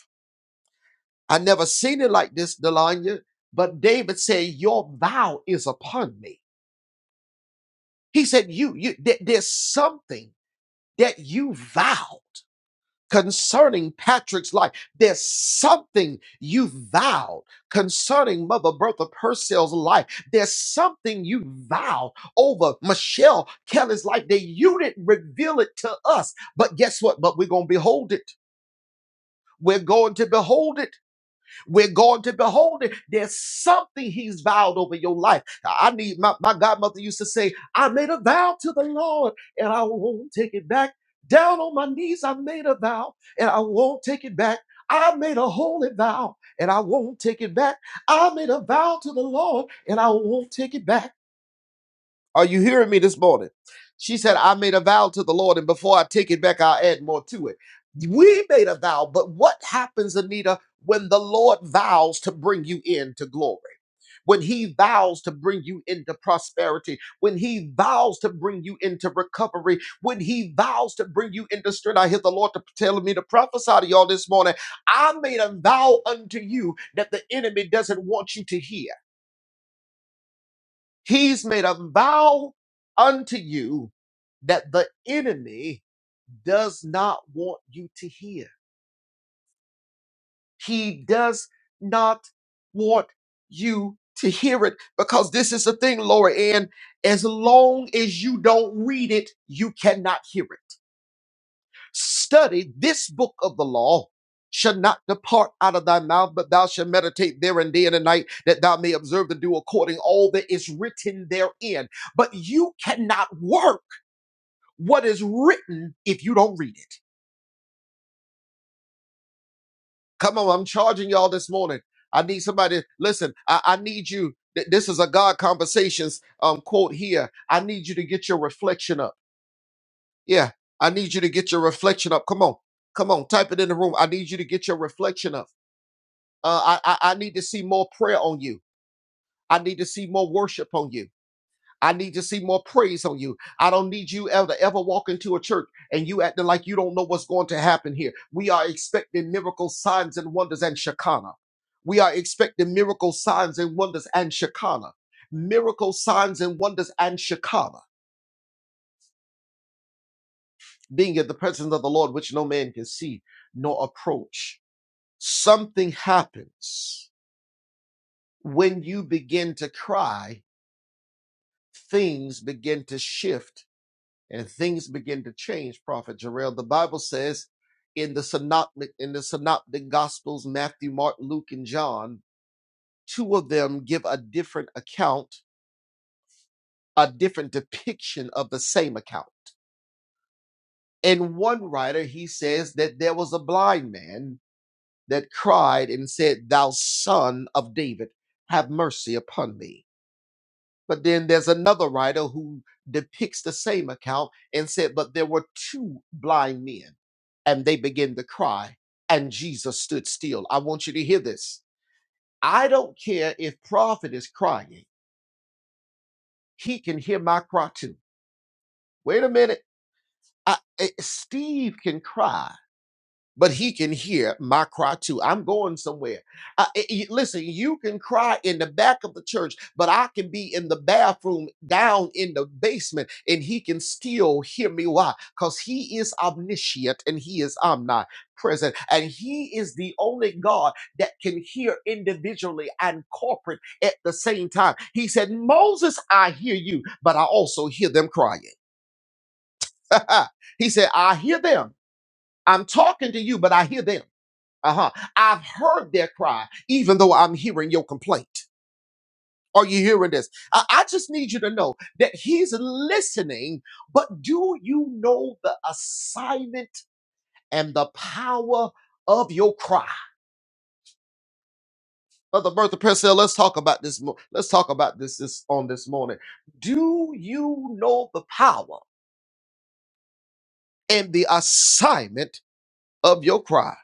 I never seen it like this, Delanya. But David said, Your vow is upon me. He said, You, you there- there's something that you vowed concerning Patrick's life. There's something you vowed concerning Mother Bertha Purcell's life. There's something you vowed over Michelle Kelly's life that you didn't reveal it to us. But guess what? But we're gonna behold it. We're going to behold it We're going to behold it. There's something he's vowed over your life. I need my, my godmother used to say, I made a vow to the Lord and I won't take it back. Down on my knees, I made a vow and I won't take it back. I made a holy vow and I won't take it back. I made a vow to the Lord and I won't take it back. Are you hearing me this morning? She said, I made a vow to the Lord, and before I take it back, I'll add more to it. We made a vow, but what happens, Anita, when the Lord vows to bring you into glory? When he vows to bring you into prosperity, when he vows to bring you into recovery, when he vows to bring you into strength, I hear the Lord to- telling me to prophesy to y'all this morning. I made a vow unto you that the enemy doesn't want you to hear. He's made a vow unto you that the enemy does not want you to hear. He does not want you to hear it because this is the thing, Laura Ann. As long as you don't read it, you cannot hear it. Study this book of the law. Shall not depart out of thy mouth, but thou shalt meditate therein day and night, that thou may observe to do according all that is written therein. But you cannot work what is written if you don't read it. Come on, I'm charging y'all this morning. I need somebody. Listen, I, I need you. th- This is a God conversations um quote here. I need you to get your reflection up. Yeah, I need you to get your reflection up. Come on, come on, type it in the room. I need you to get your reflection up. Uh, I, I I need to see more prayer on you. I need to see more worship on you. I need to see more praise on you. I don't need you ever to ever walk into a church and you acting like you don't know what's going to happen here. We are expecting miracle signs and wonders and Shekinah. We are expecting miracle signs and wonders and Shekinah. Miracle signs and wonders and Shekinah. Being in the presence of the Lord, which no man can see nor approach. Something happens when you begin to cry, things begin to shift and things begin to change, Prophet Jarrell. The Bible says in the synoptic in the synoptic gospels, Matthew, Mark, Luke, and John, two of them give a different account, a different depiction of the same account. In one writer, he says that there was a blind man that cried and said, Thou son of David, have mercy upon me. But then there's another writer who depicts the same account and said, But there were two blind men, and they began to cry, and Jesus stood still. I want you to hear this. I don't care if prophet is crying, he can hear my cry too. Wait a minute. I, eh, Steve can cry but he can hear my cry too. I'm going somewhere. Uh, listen, you can cry in the back of the church, but I can be in the bathroom down in the basement and he can still hear me. Why? Because he is omniscient and he is omnipresent. And he is the only God that can hear individually and corporate at the same time. He said, Moses, I hear you, but I also hear them crying. he said, I hear them. I'm talking to you, but I hear them. Uh-huh. I've heard their cry, even though I'm hearing your complaint. Are you hearing this? I, I just need you to know that he's listening, but do you know the assignment and the power of your cry? Brother Bertha Purcell, let's talk about this. mo- Let's talk about this, this on this morning. Do you know the power and the assignment of your cry?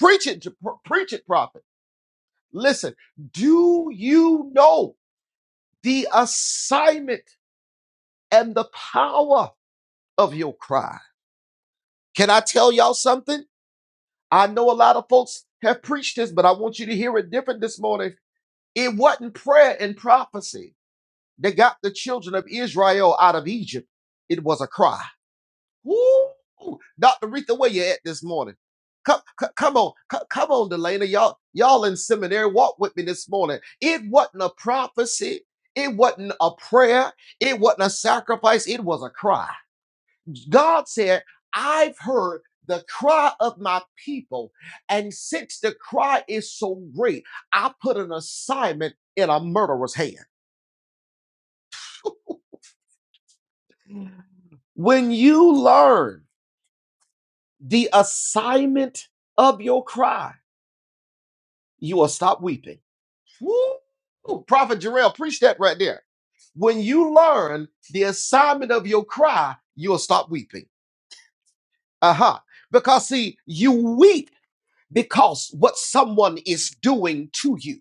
Preach it, to, preach it, prophet. Listen, do you know? the assignment and the power of your cry. Can I tell y'all something? I know a lot of folks have preached this, but I want you to hear it different this morning. It wasn't prayer and prophecy that got the children of Israel out of Egypt, it was a cry. Woo! Dr. Rita, where you at this morning? Come, c- come on, c- come on, Delana. Y'all, y'all in seminary, walk with me this morning. It wasn't a prophecy. It wasn't a prayer. It wasn't a sacrifice. It was a cry. God said, I've heard the cry of my people. And since the cry is so great, I put an assignment in a murderer's hand. When you learn the assignment of your cry, you will stop weeping. Woo! Prophet Jarrell, preach that right there. When you learn the assignment of your cry, you'll stop weeping. Uh huh. Because see, you weep because what someone is doing to you.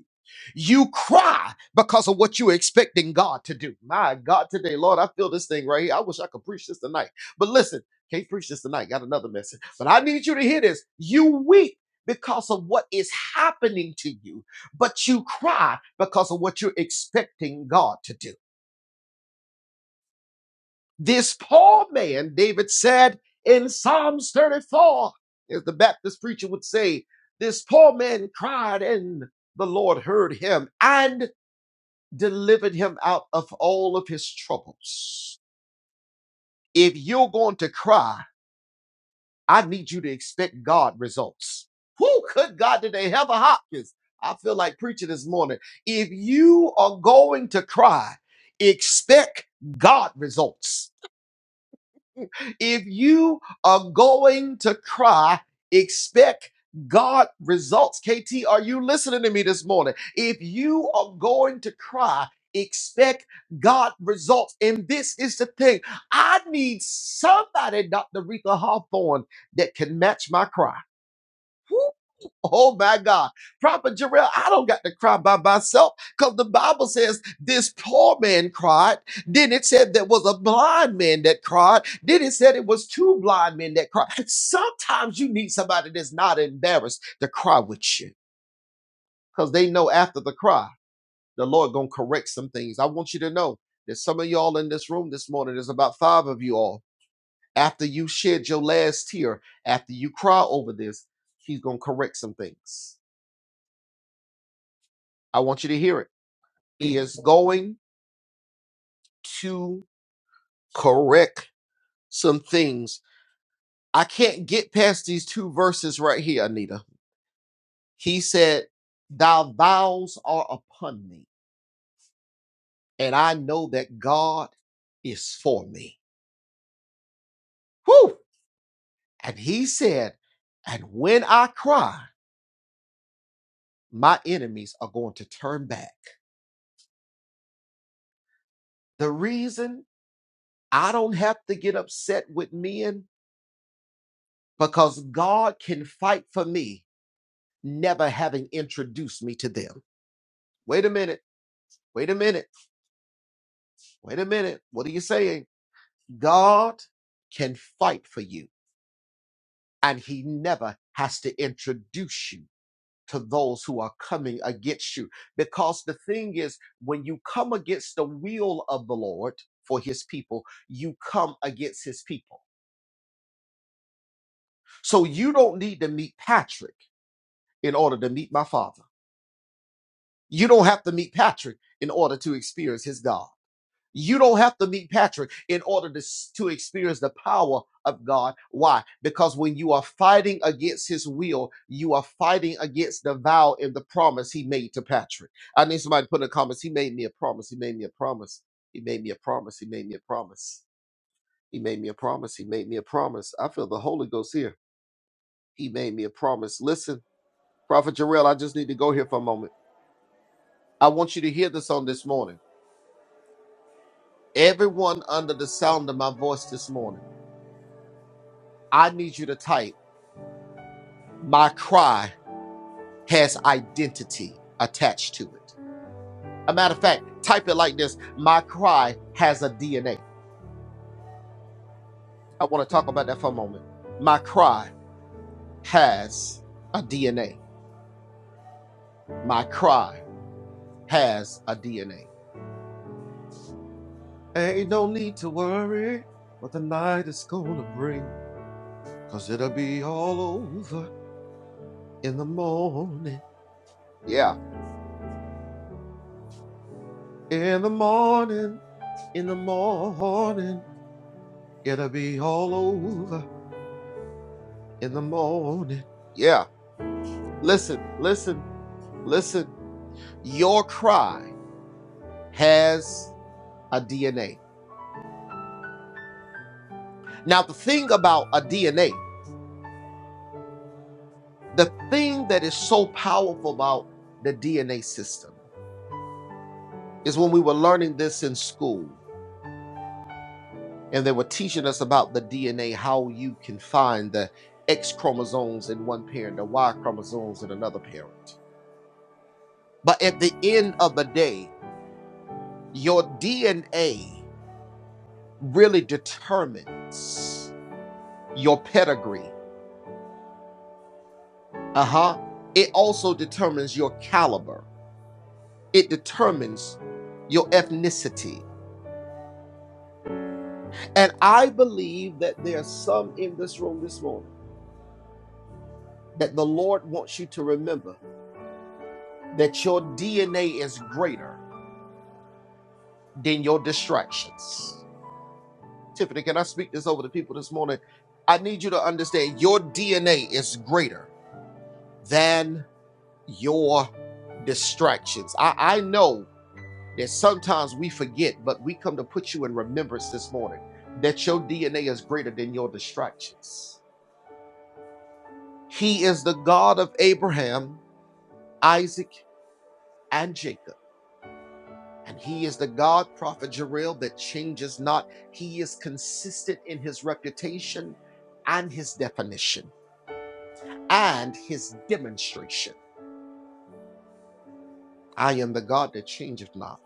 You cry because of what you're expecting God to do. My God, today, Lord, I feel this thing right here. I wish I could preach this tonight. But listen, can't preach this tonight. Got another message. But I need you to hear this. You weep because of what is happening to you, but you cry because of what you're expecting God to do. This poor man, David said in Psalms 34, as the Baptist preacher would say, this poor man cried and the Lord heard him and delivered him out of all of his troubles. If you're going to cry, I need you to expect God results. Who could God today? Heather Hopkins. I feel like preaching this morning. If you are going to cry, expect God results. If you are going to cry, expect God results. KT, are you listening to me this morning? If you are going to cry, expect God results. And this is the thing I need somebody, Dr. Rita Hawthorne, that can match my cry. Oh my God. Prophet Jarrell, I don't got to cry by myself because the Bible says this poor man cried. Then it said there was a blind man that cried. Then it said it was two blind men that cried. Sometimes you need somebody that's not embarrassed to cry with you because they know after the cry, the Lord going to correct some things. I want you to know that some of y'all in this room this morning, there's about five of you all. After you shed your last tear, after you cry over this, he's going to correct some things. I want you to hear it. He is going to correct some things. I can't get past these two verses right here, Anita. He said, Thy vows are upon me, and I know that God is for me. Whew! And he said, And when I cry, my enemies are going to turn back. The reason I don't have to get upset with men because God can fight for me, never having introduced me to them. Wait a minute. Wait a minute. Wait a minute. What are you saying? God can fight for you, and He never has to introduce you to those who are coming against you. Because the thing is, when you come against the will of the Lord for His people, you come against His people. So you don't need to meet Patrick in order to meet my Father. You don't have to meet Patrick in order to experience His God. You don't have to meet Patrick in order to, to experience the power of God. Why? Because when you are fighting against his will, you are fighting against the vow and the promise he made to Patrick. I need somebody to put in the comments, he made me a promise. He made me a promise. He made me a promise. He made me a promise. He made me a promise. He made me a promise. I feel the Holy Ghost here. He made me a promise. Listen, Prophet Jarrell, I just need to go here for a moment. I want you to hear this on this morning. Everyone under the sound of my voice this morning. I need you to type, my cry has identity attached to it. A matter of fact, type it like this My cry has a DNA. I want to talk about that for a moment. My cry has a DNA. My cry has a DNA. Ain't no need to worry what the night is going to bring, because it'll be all over in the morning. Yeah. In the morning, in the morning, it'll be all over. in the morning. Yeah. Listen, listen, listen. Your cry has a DNA. Now, the thing about a DNA, the thing that is so powerful about the DNA system is when we were learning this in school and they were teaching us about the DNA, how you can find the X chromosomes in one parent, the Y chromosomes in another parent. But at the end of the day, your DNA really determines. your pedigree. Uh huh. It also determines your caliber, it determines your ethnicity. And I believe that there are some in this room this morning that the Lord wants you to remember that your DNA is greater than your distractions. Tiffany, can I speak this over to people this morning? I need you to understand your DNA is greater than your distractions. I, I know that sometimes we forget, but we come to put you in remembrance this morning that your DNA is greater than your distractions. He is the God of Abraham, Isaac, and Jacob. And he is the God, Prophet Jarrell, that changes not. He is consistent in his reputation and his definition and his demonstration. I am the God that changeth not.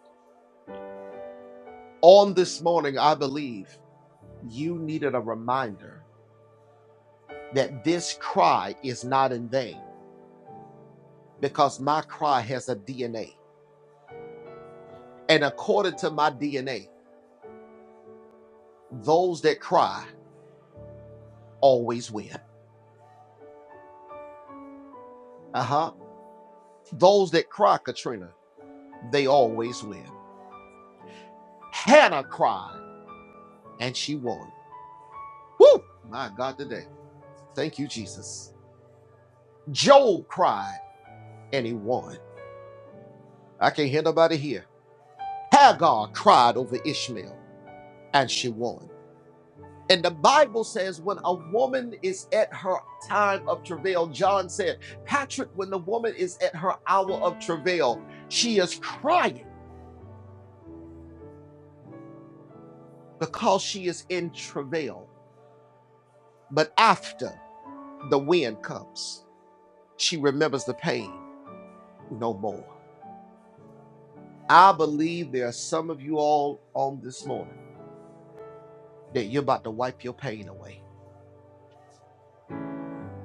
On this morning, I believe you needed a reminder that this cry is not in vain because my cry has a DNA. And according to my DNA, those that cry always win. Uh huh. Those that cry, Katrina, they always win. Hannah cried and she won. Woo! My God, today. Thank you, Jesus. Job cried and he won. I can't hear nobody here. Hagar cried over Ishmael and she won. And the Bible says when a woman is at her time of travail, John said, Patrick, when the woman is at her hour of travail, she is crying because she is in travail. But after the wind comes, she remembers the pain no more. I believe there are some of you all on this morning that you're about to wipe your pain away.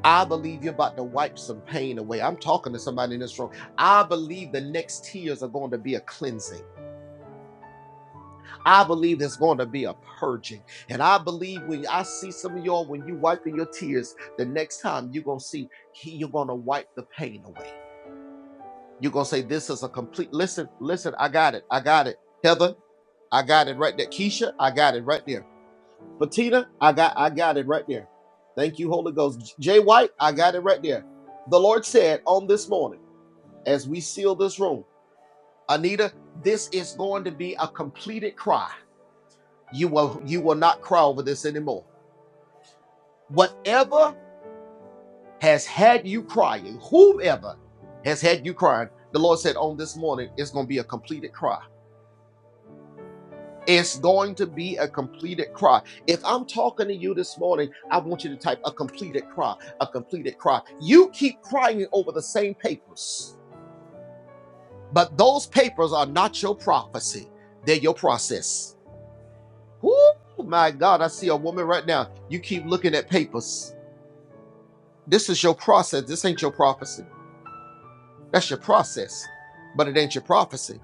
I believe you're about to wipe some pain away. I'm talking to somebody in this room. I believe the next tears are going to be a cleansing. I believe there's going to be a purging. And I believe when I see some of y'all, when you wiping your tears, the next time you're going to see, he- you're going to wipe the pain away. You're going to say, This is a complete, listen, listen, I got it. I got it. Heather, I got it right there. Keisha, I got it right there. Bettina, I got, I got it right there. Thank you, Holy Ghost. Jay White, I got it right there. The Lord said on this morning, as we seal this room, Anita, this is going to be a completed cry you will you will not cry over this anymore whatever has had you crying whomever has had you crying the lord said on this morning it's going to be a completed cry it's going to be a completed cry if i'm talking to you this morning i want you to type a completed cry a completed cry you keep crying over the same papers but those papers are not your prophecy they're your process Oh my god i see a woman right now you keep looking at papers This is your process. This ain't your prophecy. That's your process, but it ain't your prophecy.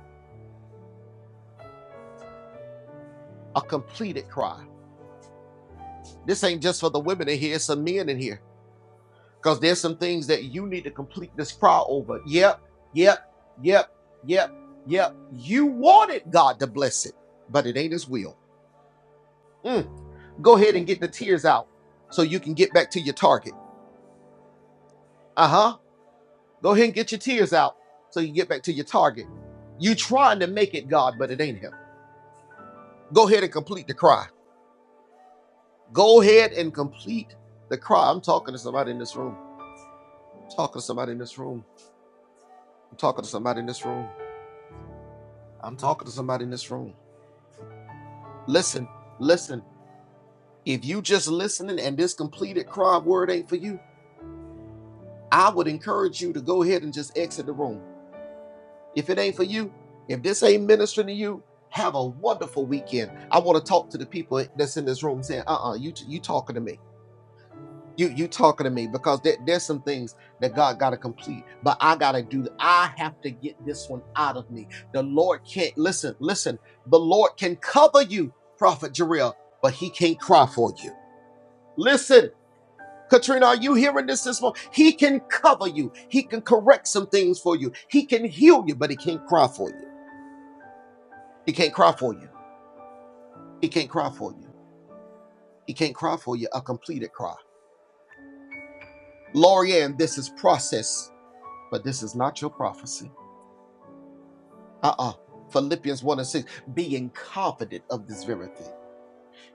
A completed cry. This ain't just for the women in here. It's some men in here because there's some things that you need to complete this cry over. Yep, yep, yep, yep, yep. You wanted God to bless it, but it ain't His will. Mm. Go ahead and get the tears out so you can get back to your target. Uh huh. Go ahead and get your tears out so you can get back to your target. You trying to make it God, but it ain't Him. Go ahead and complete the cry. Go ahead and complete the cry. I'm talking to somebody in this room. I'm talking to somebody in this room. I'm talking to somebody in this room. I'm talking to somebody in this room. Listen, listen. If you just listening and this completed cry word ain't for you, I would encourage you to go ahead and just exit the room. If it ain't for you, if this ain't ministering to you, have a wonderful weekend. I want to talk to the people that's in this room saying, uh-uh, you you talking to me. You you talking to me because there, there's some things that God got to complete, but I got to do. I have to get this one out of me. The Lord can't listen. Listen, the Lord can cover you, Prophet Jarrell, but He can't cry for you. Listen. Katrina, are you hearing this this morning? He can cover you. He can correct some things for you. He can heal you, but he can't cry for you. He can't cry for you. He can't cry for you. He can't cry for you a completed cry. Lorianne, this is process, but this is not your prophecy. Uh-uh. Philippians 1 and 6, being confident of this very thing.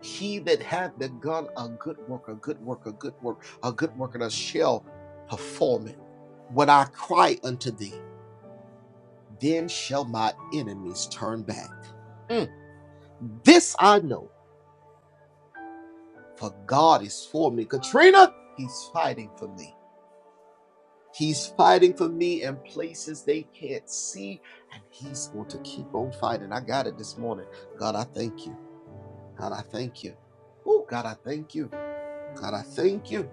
He that hath begun a good work, a good work, a good work, a good work, and I shall perform it. When I cry unto thee, then shall my enemies turn back. Mm. This I know, for God is for me. Katrina, he's fighting for me. He's fighting for me in places they can't see, and he's going to keep on fighting. I got it this morning. God, I thank you. God, I thank you. Oh, God, I thank you. God, I thank you.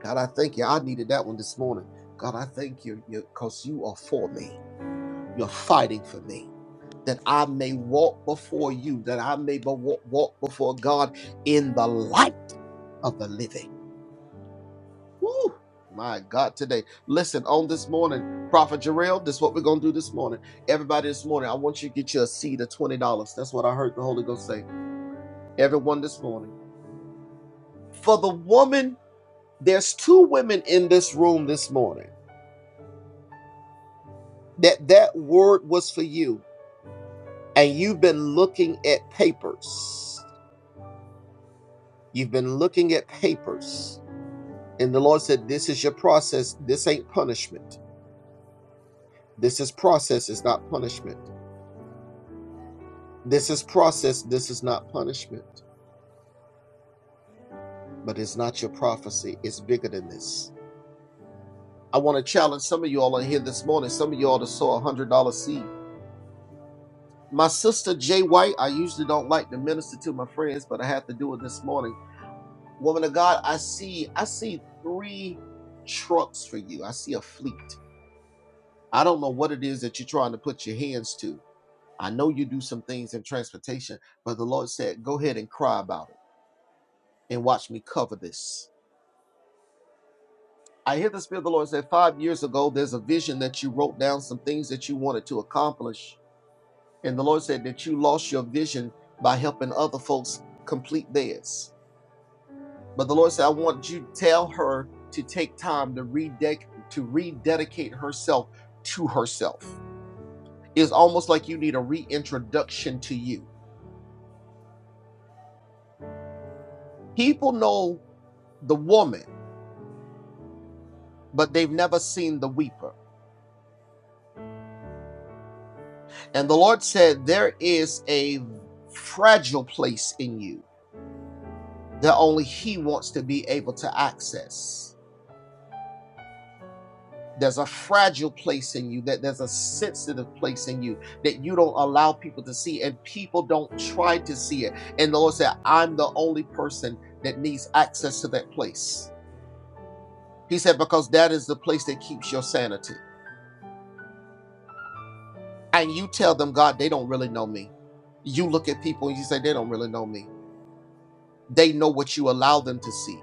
God, I thank you. I needed that one this morning. God, I thank you because you are for me. You're fighting for me. That I may walk before you, that I may be- walk, walk before God in the light of the living. Woo! My God, today. Listen, on this morning, Prophet Jarrell, this is what we're going to do this morning. Everybody this morning, I want you to get you a seed of $20. That's what I heard the Holy Ghost say. Everyone this morning. For the woman There's two women in this room this morning that that word was for you, and you've been looking at papers. You've been looking at papers, and the Lord said, "This is your process. This ain't punishment. This is process. It's not punishment. This is process. This is not punishment. But it's not your prophecy. It's bigger than this." I want to challenge some of you all in here this morning. Some of you all to sow a hundred dollar seed. My sister Jay White, I usually don't like to minister to my friends, but I have to do it this morning. Woman of God, I see I see three trucks for you. I see a fleet. I don't know what it is that you're trying to put your hands to. I know you do some things in transportation, but the Lord said, go ahead and cry about it and watch me cover this. I hear the Spirit of the Lord say, five years ago, there's a vision that you wrote down, some things that you wanted to accomplish. And the Lord said that you lost your vision by helping other folks complete theirs. But the Lord said, I want you to tell her to take time to rededicate to rededicate herself to herself. It's almost like you need a reintroduction to you. People know the woman, but they've never seen the weeper. And the Lord said, There is a fragile place in you that only He wants to be able to access. There's a fragile place in you, that there's a sensitive place in you that you don't allow people to see, and people don't try to see it. And the Lord said, I'm the only person that needs access to that place. He said, because that is the place that keeps your sanity. And you tell them, God, they don't really know me. You look at people and you say, they don't really know me. They know what you allow them to see.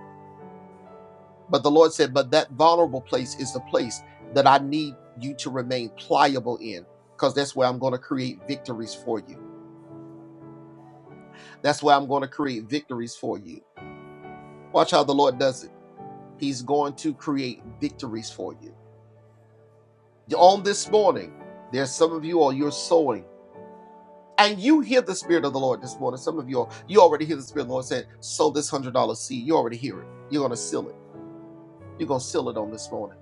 But the Lord said, but that vulnerable place is the place that I need you to remain pliable in, because that's where I'm going to create victories for you. That's why I'm going to create victories for you. Watch how the Lord does it. He's going to create victories for you. On this morning, there's some of you or you're sowing, and you hear the Spirit of the Lord this morning. Some of you, are- you already hear the Spirit of the Lord saying, sow this $100 seed. You already hear it. You're going to seal it. You're going to seal it on this morning.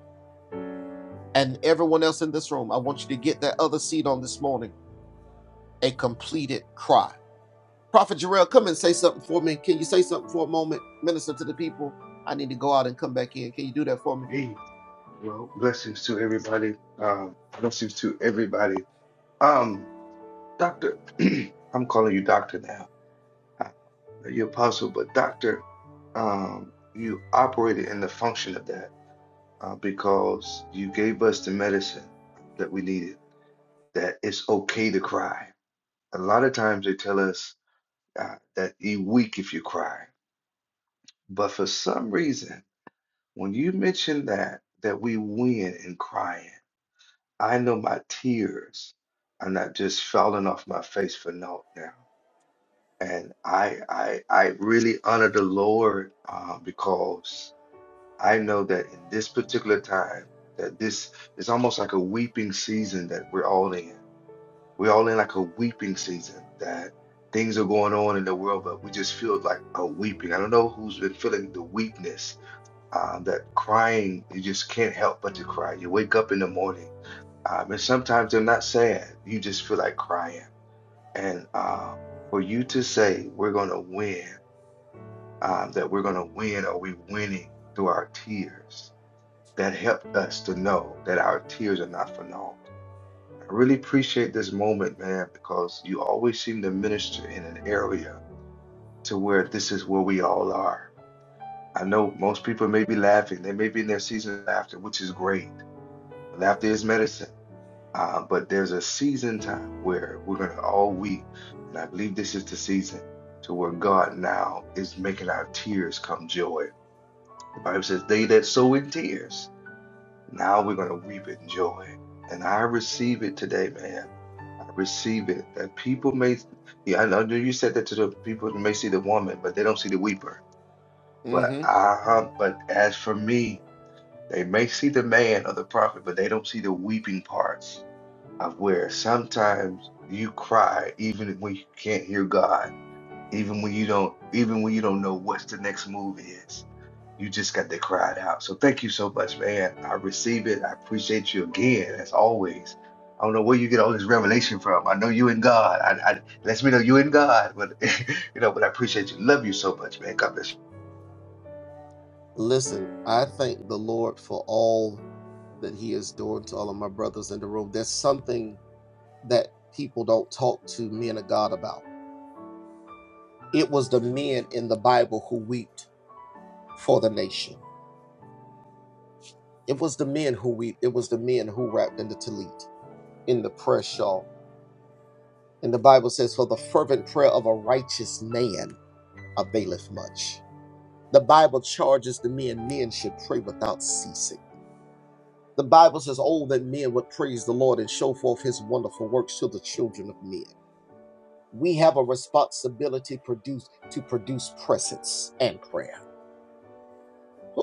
And everyone else in this room, I want you to get that other seed on this morning, a completed cry. Prophet Jarrell, come and say something for me. Can you say something for a moment? Minister to the people. I need to go out and come back in. Can you do that for me? Hey, well, blessings to everybody. Um, blessings to everybody. Um, Doctor, I'm calling you Doctor now. I know you're apostle, but Doctor, um, you operated in the function of that uh, because you gave us the medicine uh, that we needed. That it's okay to cry. A lot of times they tell us uh, that you're weak if you cry, but for some reason, when you mention that that we win in crying. I know my tears are not just falling off my face for naught now. And I I I really honor the Lord uh, because I know that in this particular time that this is almost like a weeping season that we're all in. We're all in like a weeping season that things are going on in the world, but we just feel like a weeping. I don't know who's been feeling the weakness, uh, that crying, you just can't help but to cry. You wake up in the morning um, and sometimes they're not sad. You just feel like crying. And uh, for you to say, we're going to win, um, that we're going to win, or we're winning through our tears, that helped us to know that our tears are not for naught. I really appreciate this moment, man, because you always seem to minister in an area to where this is where we all are. I know most people may be laughing. They may be in their season of laughter, which is great. Laughter is medicine. Uh, but there's a season time where we're going to all weep. And I believe this is the season to where God now is making our tears come joy. The Bible says, They that sow in tears, now we're going to reap in joy. And I receive it today, man. I receive it that people may, yeah, I know you said that to the people that may see the woman, but they don't see the weeper. But hmm I, but as for me, they may see the man or the prophet, but they don't see the weeping parts of where sometimes you cry even when you can't hear God, even when you don't, even when you don't know what the next move is. You just got to cry it out. So thank you so much, man. I receive it. I appreciate you again, as always. I don't know where you get all this revelation from. I know you and God. I, I lets me know you and God, but you know, but I appreciate you. Love you so much, man. God bless you. Listen, I thank the Lord for all that He is doing to all of my brothers in the room. There's something that people don't talk to men of God about. It was the men in the Bible who wept for the nation. It was the men who wept. It was the men who wrapped in the tallit, in the prayer shawl. And the Bible says, "For the fervent prayer of a righteous man availeth much." The Bible charges the men men should pray without ceasing. The Bible says, Oh, that men would praise the Lord and show forth his wonderful works to the children of men. We have a responsibility produce, to produce presence and prayer.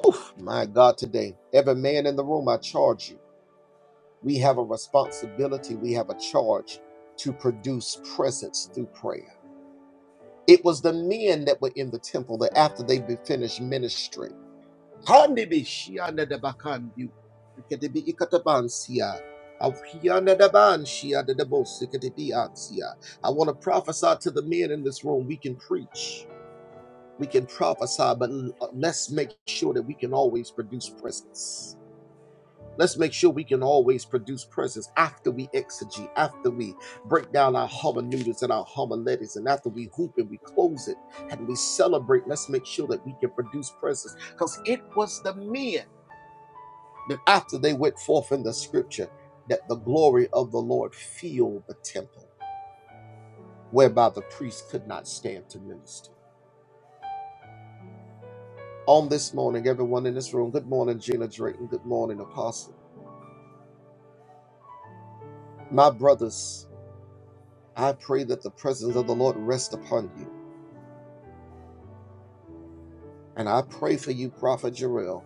Oof, my God, today, every man in the room, I charge you. We have a responsibility, we have a charge to produce presence through prayer. It was the men that were in the temple that after they finished ministry. Kandibi shianda de bakandi. Kedibi ikatabansia. Ahianda de ban shianda de bos. Kedibi ansia. I want to prophesy to the men in this room. We can preach. We can prophesy, but l- uh, let's make sure that we can always produce presence. Let's make sure we can always produce presence after we exegete, after we break down our hermeneutics and our homiletics, and after we hoop and we close it and we celebrate. Let's make sure that we can produce presence because it was the men then after they went forth in the scripture, that the glory of the Lord filled the temple, whereby the priest could not stand to minister. On this morning, everyone in this room, good morning, Gina Drayton. Good morning, Apostle. My brothers, I pray that the presence of the Lord rest upon you. And I pray for you, Prophet Jarrell,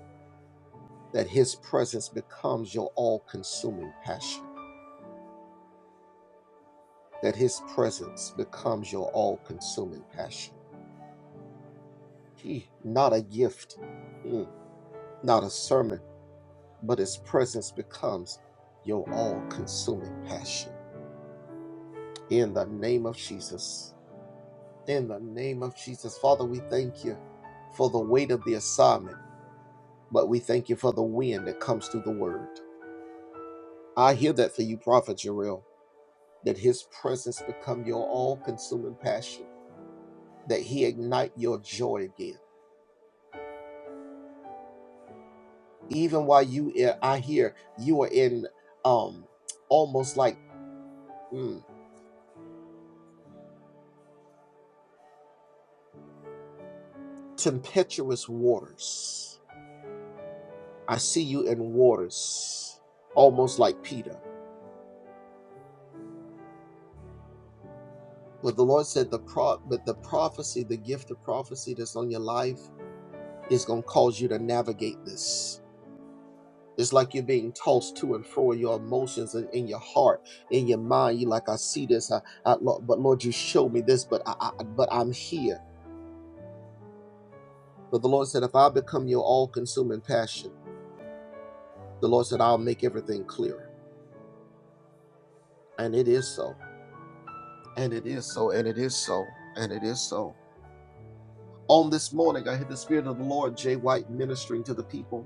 that his presence becomes your all consuming passion. That his presence becomes your all consuming passion. He, not a gift, mm, not a sermon but His presence becomes your all consuming passion. In the name of Jesus. In the name of Jesus. Father, we thank you for the weight of the assignment, but we thank you for the wind that comes through the word. I hear that for you, Prophet Jarrell, that his presence become your all consuming passion, that he ignite your joy again. Even while you, eh, I hear you are in um almost like mm, tempestuous waters I see you in waters, almost like Peter. But the Lord said the pro but the prophecy, the gift of prophecy that's on your life is gonna cause you to navigate this. It's like you're being tossed to and fro in your emotions and in your heart, in your mind. You are like, I see this, I, I, Lord, but Lord, you show me this, but I, I, but I'm here. But the Lord said, if I become your all-consuming passion, the Lord said, I'll make everything clear. And it is so. And it is so. And it is so. And it is so. On this morning, I heard the Spirit of the Lord, Jay White, ministering to the people.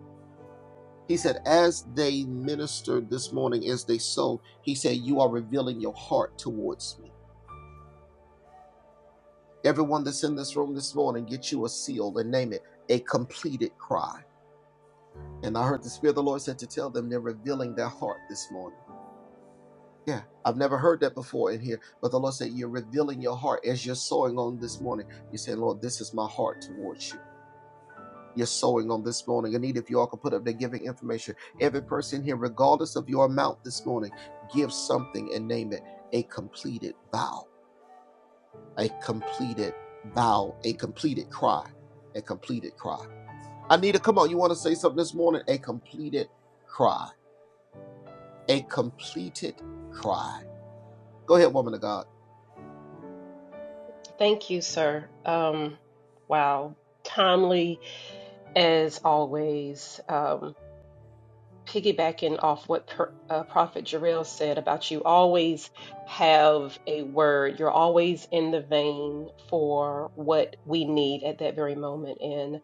He said, As they ministered this morning, as they sowed, he said, You are revealing your heart towards me. Everyone that's in this room this morning, get you a seal and name it a completed cry. And I heard the Spirit of the Lord said to tell them they're revealing their heart this morning. Yeah, I've never heard that before in here, but the Lord said, You're revealing your heart as you're sowing on this morning. You're Lord, this is my heart towards you. your sowing on this morning. I need if you all could put up their giving information. Every person here, regardless of your amount this morning, give something and name it a completed vow, a completed vow, a completed cry, a completed cry. Anita, come on, you want to say something this morning? A completed cry, a completed cry. Go ahead, woman of God. Thank you, sir. Um, wow. Timely as always. Um, piggybacking off what per, uh, Prophet Jarrell said about you always have a word. You're always in the vein for what we need at that very moment. And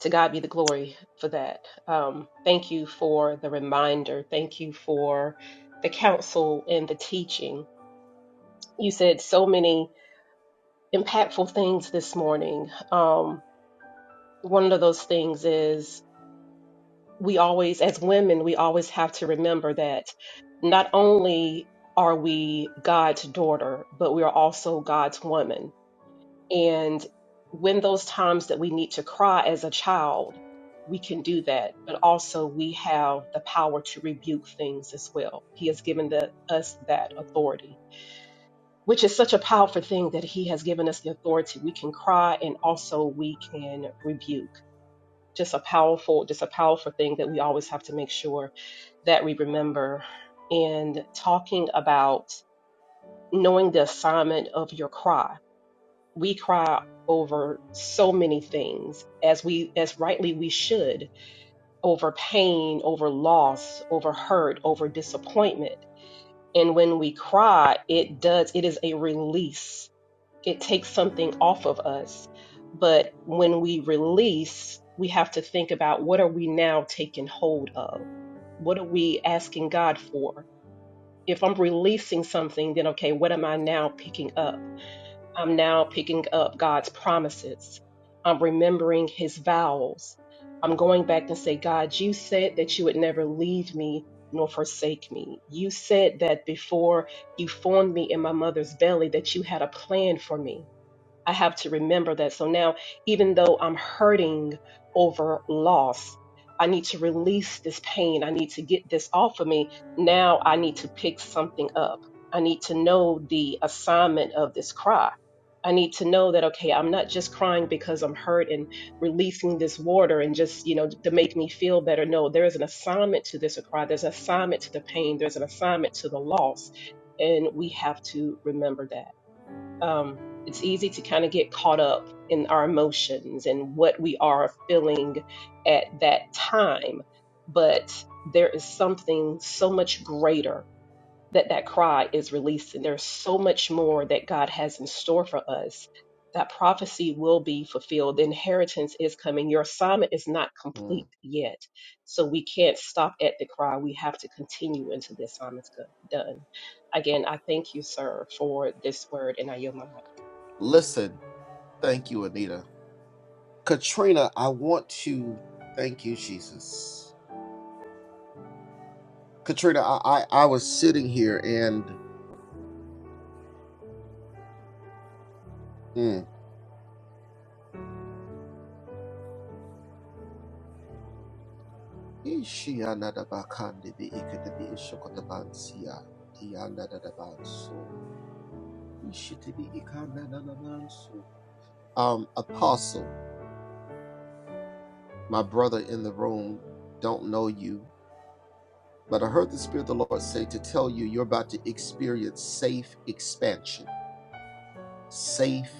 to God be the glory for that. Um, thank you for the reminder. Thank you for the counsel and the teaching. You said so many impactful things this morning. Um, one of those things is we always, as women, we always have to remember that not only are we God's daughter, but we are also God's woman. And when those times that we need to cry as a child, we can do that, but also we have the power to rebuke things as well. He has given the, us that authority, which is such a powerful thing that He has given us the authority. We can cry and also we can rebuke. Just a powerful, just a powerful thing that we always have to make sure that we remember in talking about knowing the assignment of your cry. We cry over so many things as we as rightly we should over pain, over loss, over hurt, over disappointment. And when we cry, it does it is a release. It takes something off of us. But when we release, we have to think about what are we now taking hold of? What are we asking God for? if I'm releasing something, then okay, what am I now picking up? I'm now picking up God's promises. I'm remembering his vows. I'm going back and say, God, you said that you would never leave me nor forsake me. You said that before you formed me in my mother's belly that you had a plan for me. I have to remember that. So now, even though I'm hurting over loss, I need to release this pain. I need to get this off of me. Now I need to pick something up. I need to know the assignment of this cry. I need to know that, okay, I'm not just crying because I'm hurt and releasing this water and just, you know, to make me feel better. No, there is an assignment to this cry. There's an assignment to the pain. There's an assignment to the loss. And we have to remember that um, it's easy to kind of get caught up in our emotions and what we are feeling at that time. But there is something so much greater that that cry is released, and there's so much more that God has in store for us. That prophecy will be fulfilled. The inheritance is coming. Your assignment is not Mm. complete yet. So we can't stop at the cry. We have to continue until the assignment's go- done. Again, I thank you, sir, for this word, and I yield my mic. Listen, thank you, Anita. Katrina, I want to thank you, Jesus. Katrina, I, I, I was sitting here and mm, so, so. Um, Apostle, my brother in the room, don't know you, but I heard the Spirit of the Lord say to tell you you're about to experience safe expansion. Safe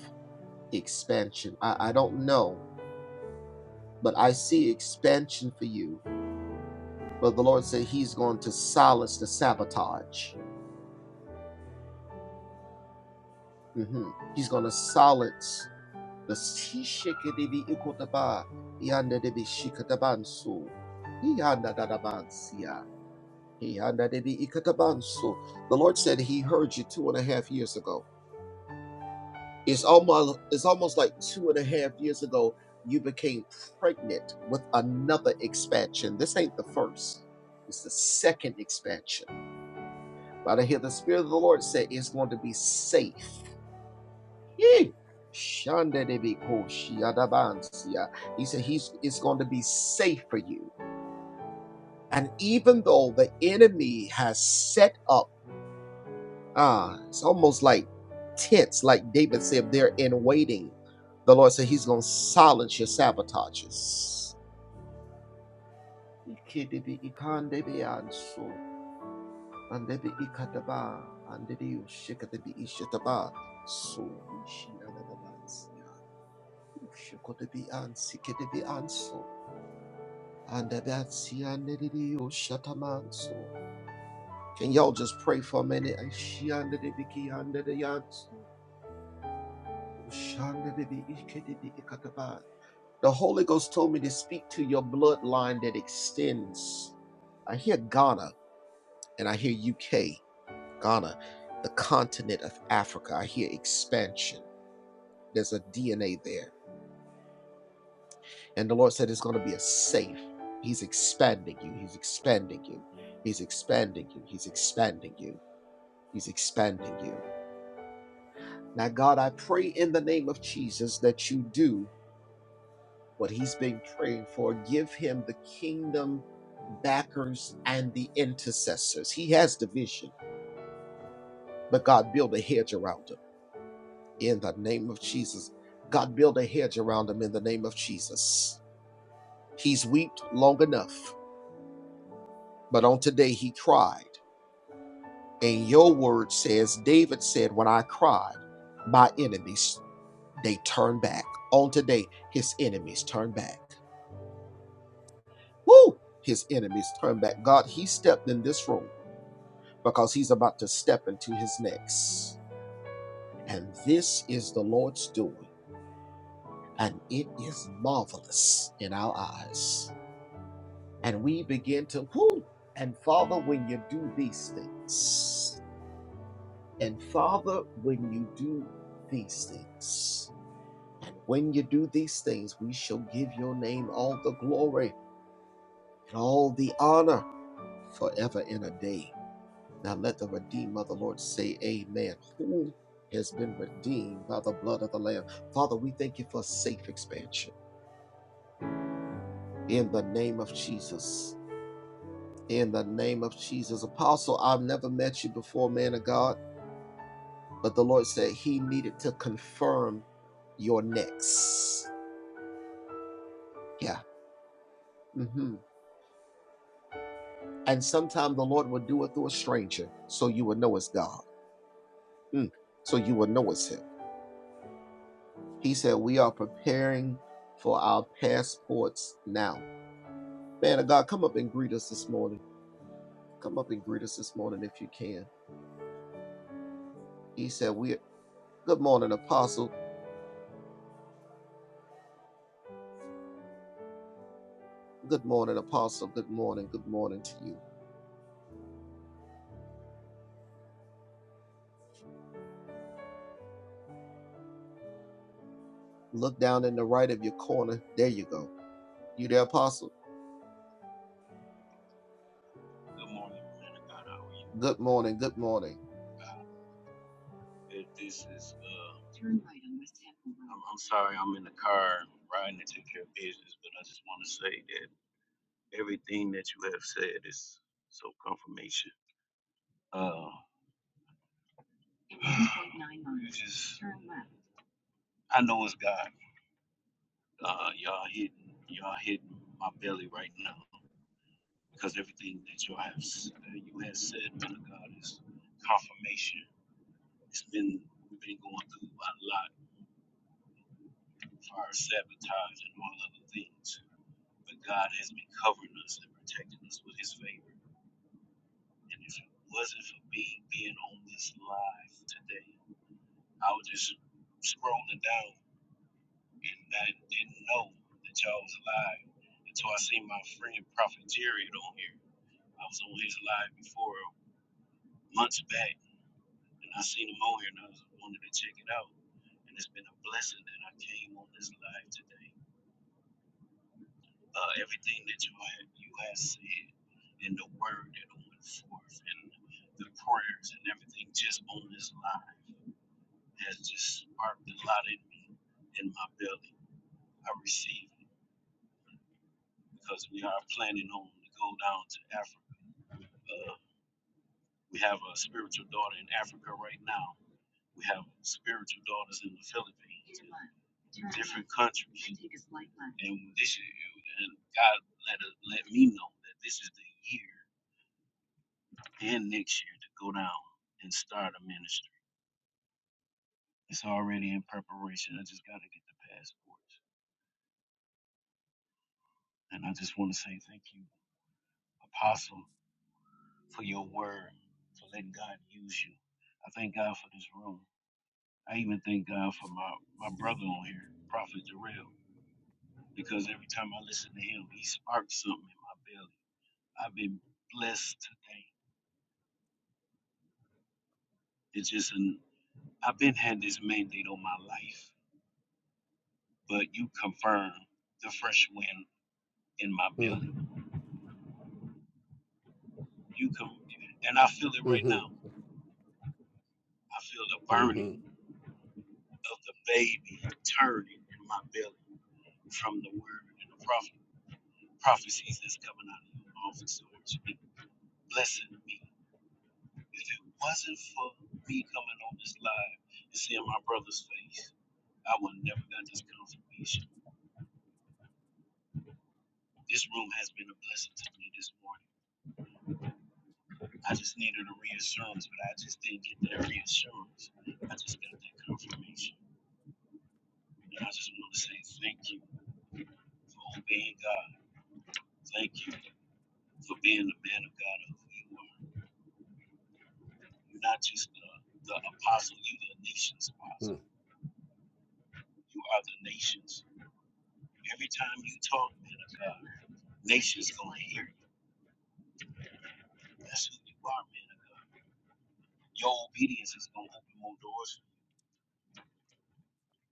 expansion. I, I don't know, but I see expansion for you But the Lord said He's going to silence the sabotage. Mhm. He's going to silence the The Lord said He heard you two and a half years ago. It's almost it's almost like two and a half years ago you became pregnant with another expansion. This ain't the first. It's the second expansion But I hear the Spirit of the Lord say it's going to be safe. Yee. He said he's it's going to be safe for you. And even though the enemy has set up, ah, it's almost like tents, like David said, they're in waiting. The Lord said he's going to silence your sabotages. Andebi ikataba, andedi ushikadebi ishataba, so shinanabansia, ushikodebi ansikedebi anso, andabatsi andedi ushatamanso. Can y'all just pray for a minute? Ishiandedebi kiandedi ushandedebi ikedebi ikataba. The Holy Ghost told me to speak to your bloodline that extends. I hear Ghana and I hear UK. Ghana, the continent of Africa. I hear expansion. There's a DNA there. And the Lord said it's going to be a safe. He's expanding you. He's expanding you. He's expanding you. He's expanding you. He's expanding you. Now, God, I pray in the name of Jesus that you do what he's been praying for. Give him the kingdom backers and the intercessors. He has the vision, but God, build a hedge around him. in the name of Jesus. God, build a hedge around him in the name of Jesus. He's wept long enough, but on today he cried. And your word says, David said, When I cried, my enemies, they turned back. On today, his enemies turn back. Woo! His enemies turn back. God, he stepped in this room because he's about to step into his next. And this is the Lord's doing, and it is marvelous in our eyes. and we begin to whoo. And Father, when you do these things, and Father, when you do these things, and when you do these things, we shall give your name all the glory and all the honor forever and a day. Now let the redeemed of the Lord say, Amen. Who has been redeemed by the blood of the Lamb? Father, we thank you for safe expansion in the name of Jesus. In the name of Jesus. Apostle, I've never met you before, man of God But the Lord said He needed to confirm your next. Yeah. hmm And sometimes the Lord will do it through a stranger so you will know it's God. Mm. So you will know it's Him. He said, We are preparing for our passports now. Man of God, come up and greet us this morning. Come up and greet us this morning if you can. He said, We good morning, apostle. Good morning, apostle. Good morning. Good morning to you. Look down in the right of your corner. There you go. You there, apostle? Good morning, man of God. How are you? Good morning. Good morning. Uh, it- this is uh, Turn right on West Temple Road. I'm, I'm sorry, I'm in the car riding to take care of business, but I just want to say that everything that you have said is so confirmation. Uh, you just, turn left. I know it's God. Uh, y'all hitting, y'all hitting my belly right now because everything that you have, s- that you have said, man of God, is confirmation. It's been, we've been going through a lot fire, sabotage, and all other things. But God has been covering us and protecting us with His favor. And if it wasn't for me being on this live today, I was just scrolling down and I didn't know that y'all was alive until I seen my friend Prophet Jared on here. I was on his live before months back and I seen him on here and I was wanted to check it out. And it's been a blessing that I came on this live today uh, everything that you had you had said and the word that went forth and the prayers and everything just on this line has just sparked a lot in me in my belly. I receive it because we are planning on to go down to Africa. Uh, we have a spiritual daughter in Africa right now. We have spiritual daughters in the Philippines, in different countries. And this year, and God let us, let me know that this is the year and next year to go down and start a ministry. It's already in preparation. I just got to get the passports. And I just want to say thank you, Apostle, for your word, for letting God use you. I thank God for this room. I even thank God for my, my brother on here, Prophet Jarrell, because every time I listen to him, he sparks something in my belly. I've been blessed today. It's just an, I've been had this mandate on my life, but you confirm the fresh wind in my Mm, belly. You come, and I feel it right mhm, now. I feel the mhm, burning of the baby turning in my belly from the word and the prophet, prophecies that's coming out of your mouth. And so it's been blessing me. If it wasn't for me coming on this live and seeing my brother's face, I would never got this confirmation. This room has been a blessing to me this morning. I just needed a reassurance, but I just didn't get that reassurance. I just got that confirmation. And I just want to say thank you. for obeying God. Thank you for being the man of God of who you are. You're not just the, the apostle, you're the nation's mm. apostle. You are the nations. Every time you talk, man of God, nations gonna hear you. That's who you are, man of God. Your obedience is gonna open more doors.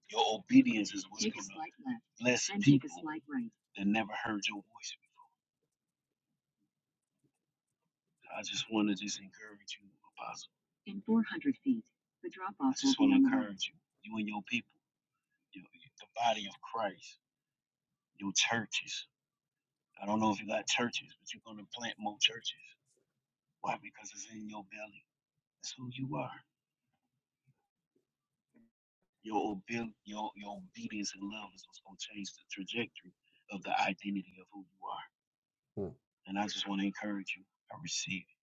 Your obedience is what's gonna bless people right. that never heard your voice before. I just wanna just encourage you, apostle. In 400 feet, the drop off. I just want to encourage you, you and your people. you, the body of Christ, your churches. I don't know if you got churches, but you're gonna plant more churches. Why? Because it's in your belly. That's who you are. Your obe- your your obedience and love is what's gonna change the trajectory of the identity of who you are. And I just want to encourage you. I receive. it.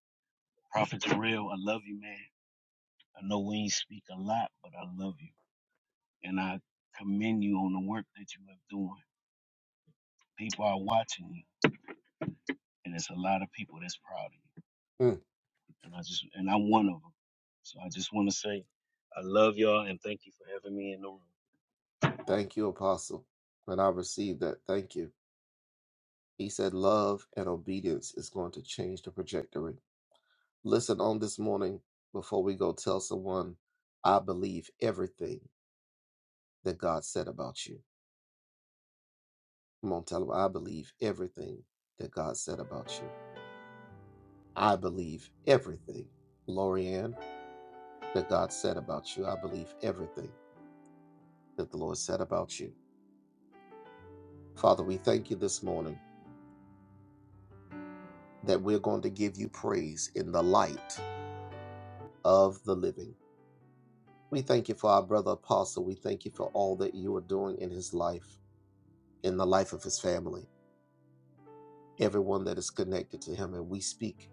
Prophet Terrell, I love you, man. I know we ain't speak a lot, but I love you, and I commend you on the work that you are doing. People are watching you, and it's a lot of people that's proud of you. and I just and I'm one of them. So I just want to say I love y'all and thank you for having me in the room. That God said about you. I believe everything that the Lord said about you. Father, we thank you this morning that we're going to give you praise in the light of the living. We thank you for our brother apostle. We thank you for all that you are doing in his life, in the life of his family, everyone that is connected to him. And we speak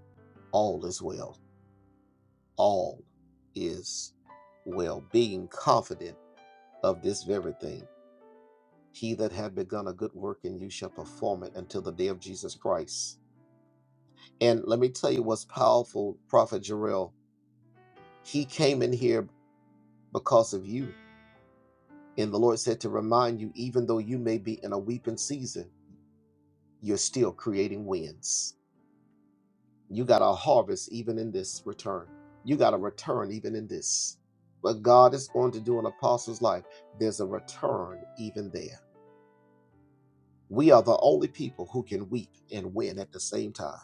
all is well. All is well, being confident of this very thing He that had begun a good work in you shall perform it until the day of Jesus Christ. And let me tell you what's powerful, Prophet Jarrell. He came in here because of you. And the Lord said to remind you, even though you may be in a weeping season, you're still creating winds. You got a harvest even in this return. You got a return even in this. What God is going to do in apostles' life, there's a return even there. We are the only people who can weep and win at the same time.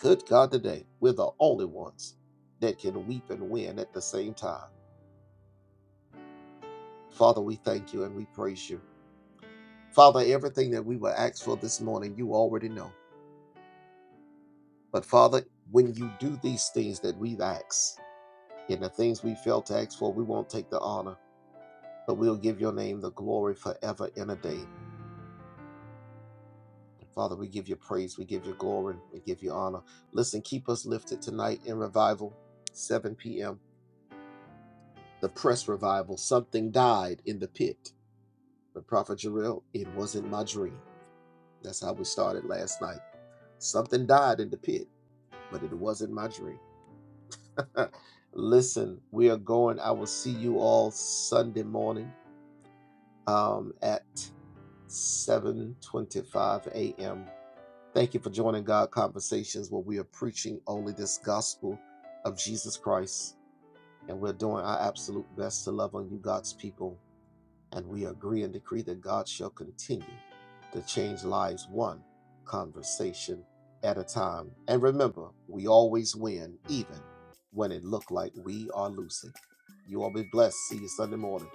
Good God, today we're the only ones that can weep and win at the same time. Father, we thank you and we praise you. Father, everything that we were asked for this morning, you already know. But Father, when you do these things that we've asked and the things we failed to ask for, we won't take the honor, but we'll give your name the glory forever and a day. Father, we give you praise, we give you glory, we give you honor. Listen, keep us lifted tonight in revival, 7 p.m., the press revival. Something died in the pit But Prophet Jarrell, it wasn't my dream. That's how we started last night. Something died in the pit, but it wasn't my dream. Listen, we are going. I will see you all Sunday morning um, at 7:25 a.m. Thank you for joining God Conversations, where we are preaching only this gospel of Jesus Christ, and we're doing our absolute best to love on you, God's people. and we agree and decree that God shall continue to change lives one conversation at a time. And remember, we always win, even when it looked like we are losing. You all be blessed. See you Sunday morning.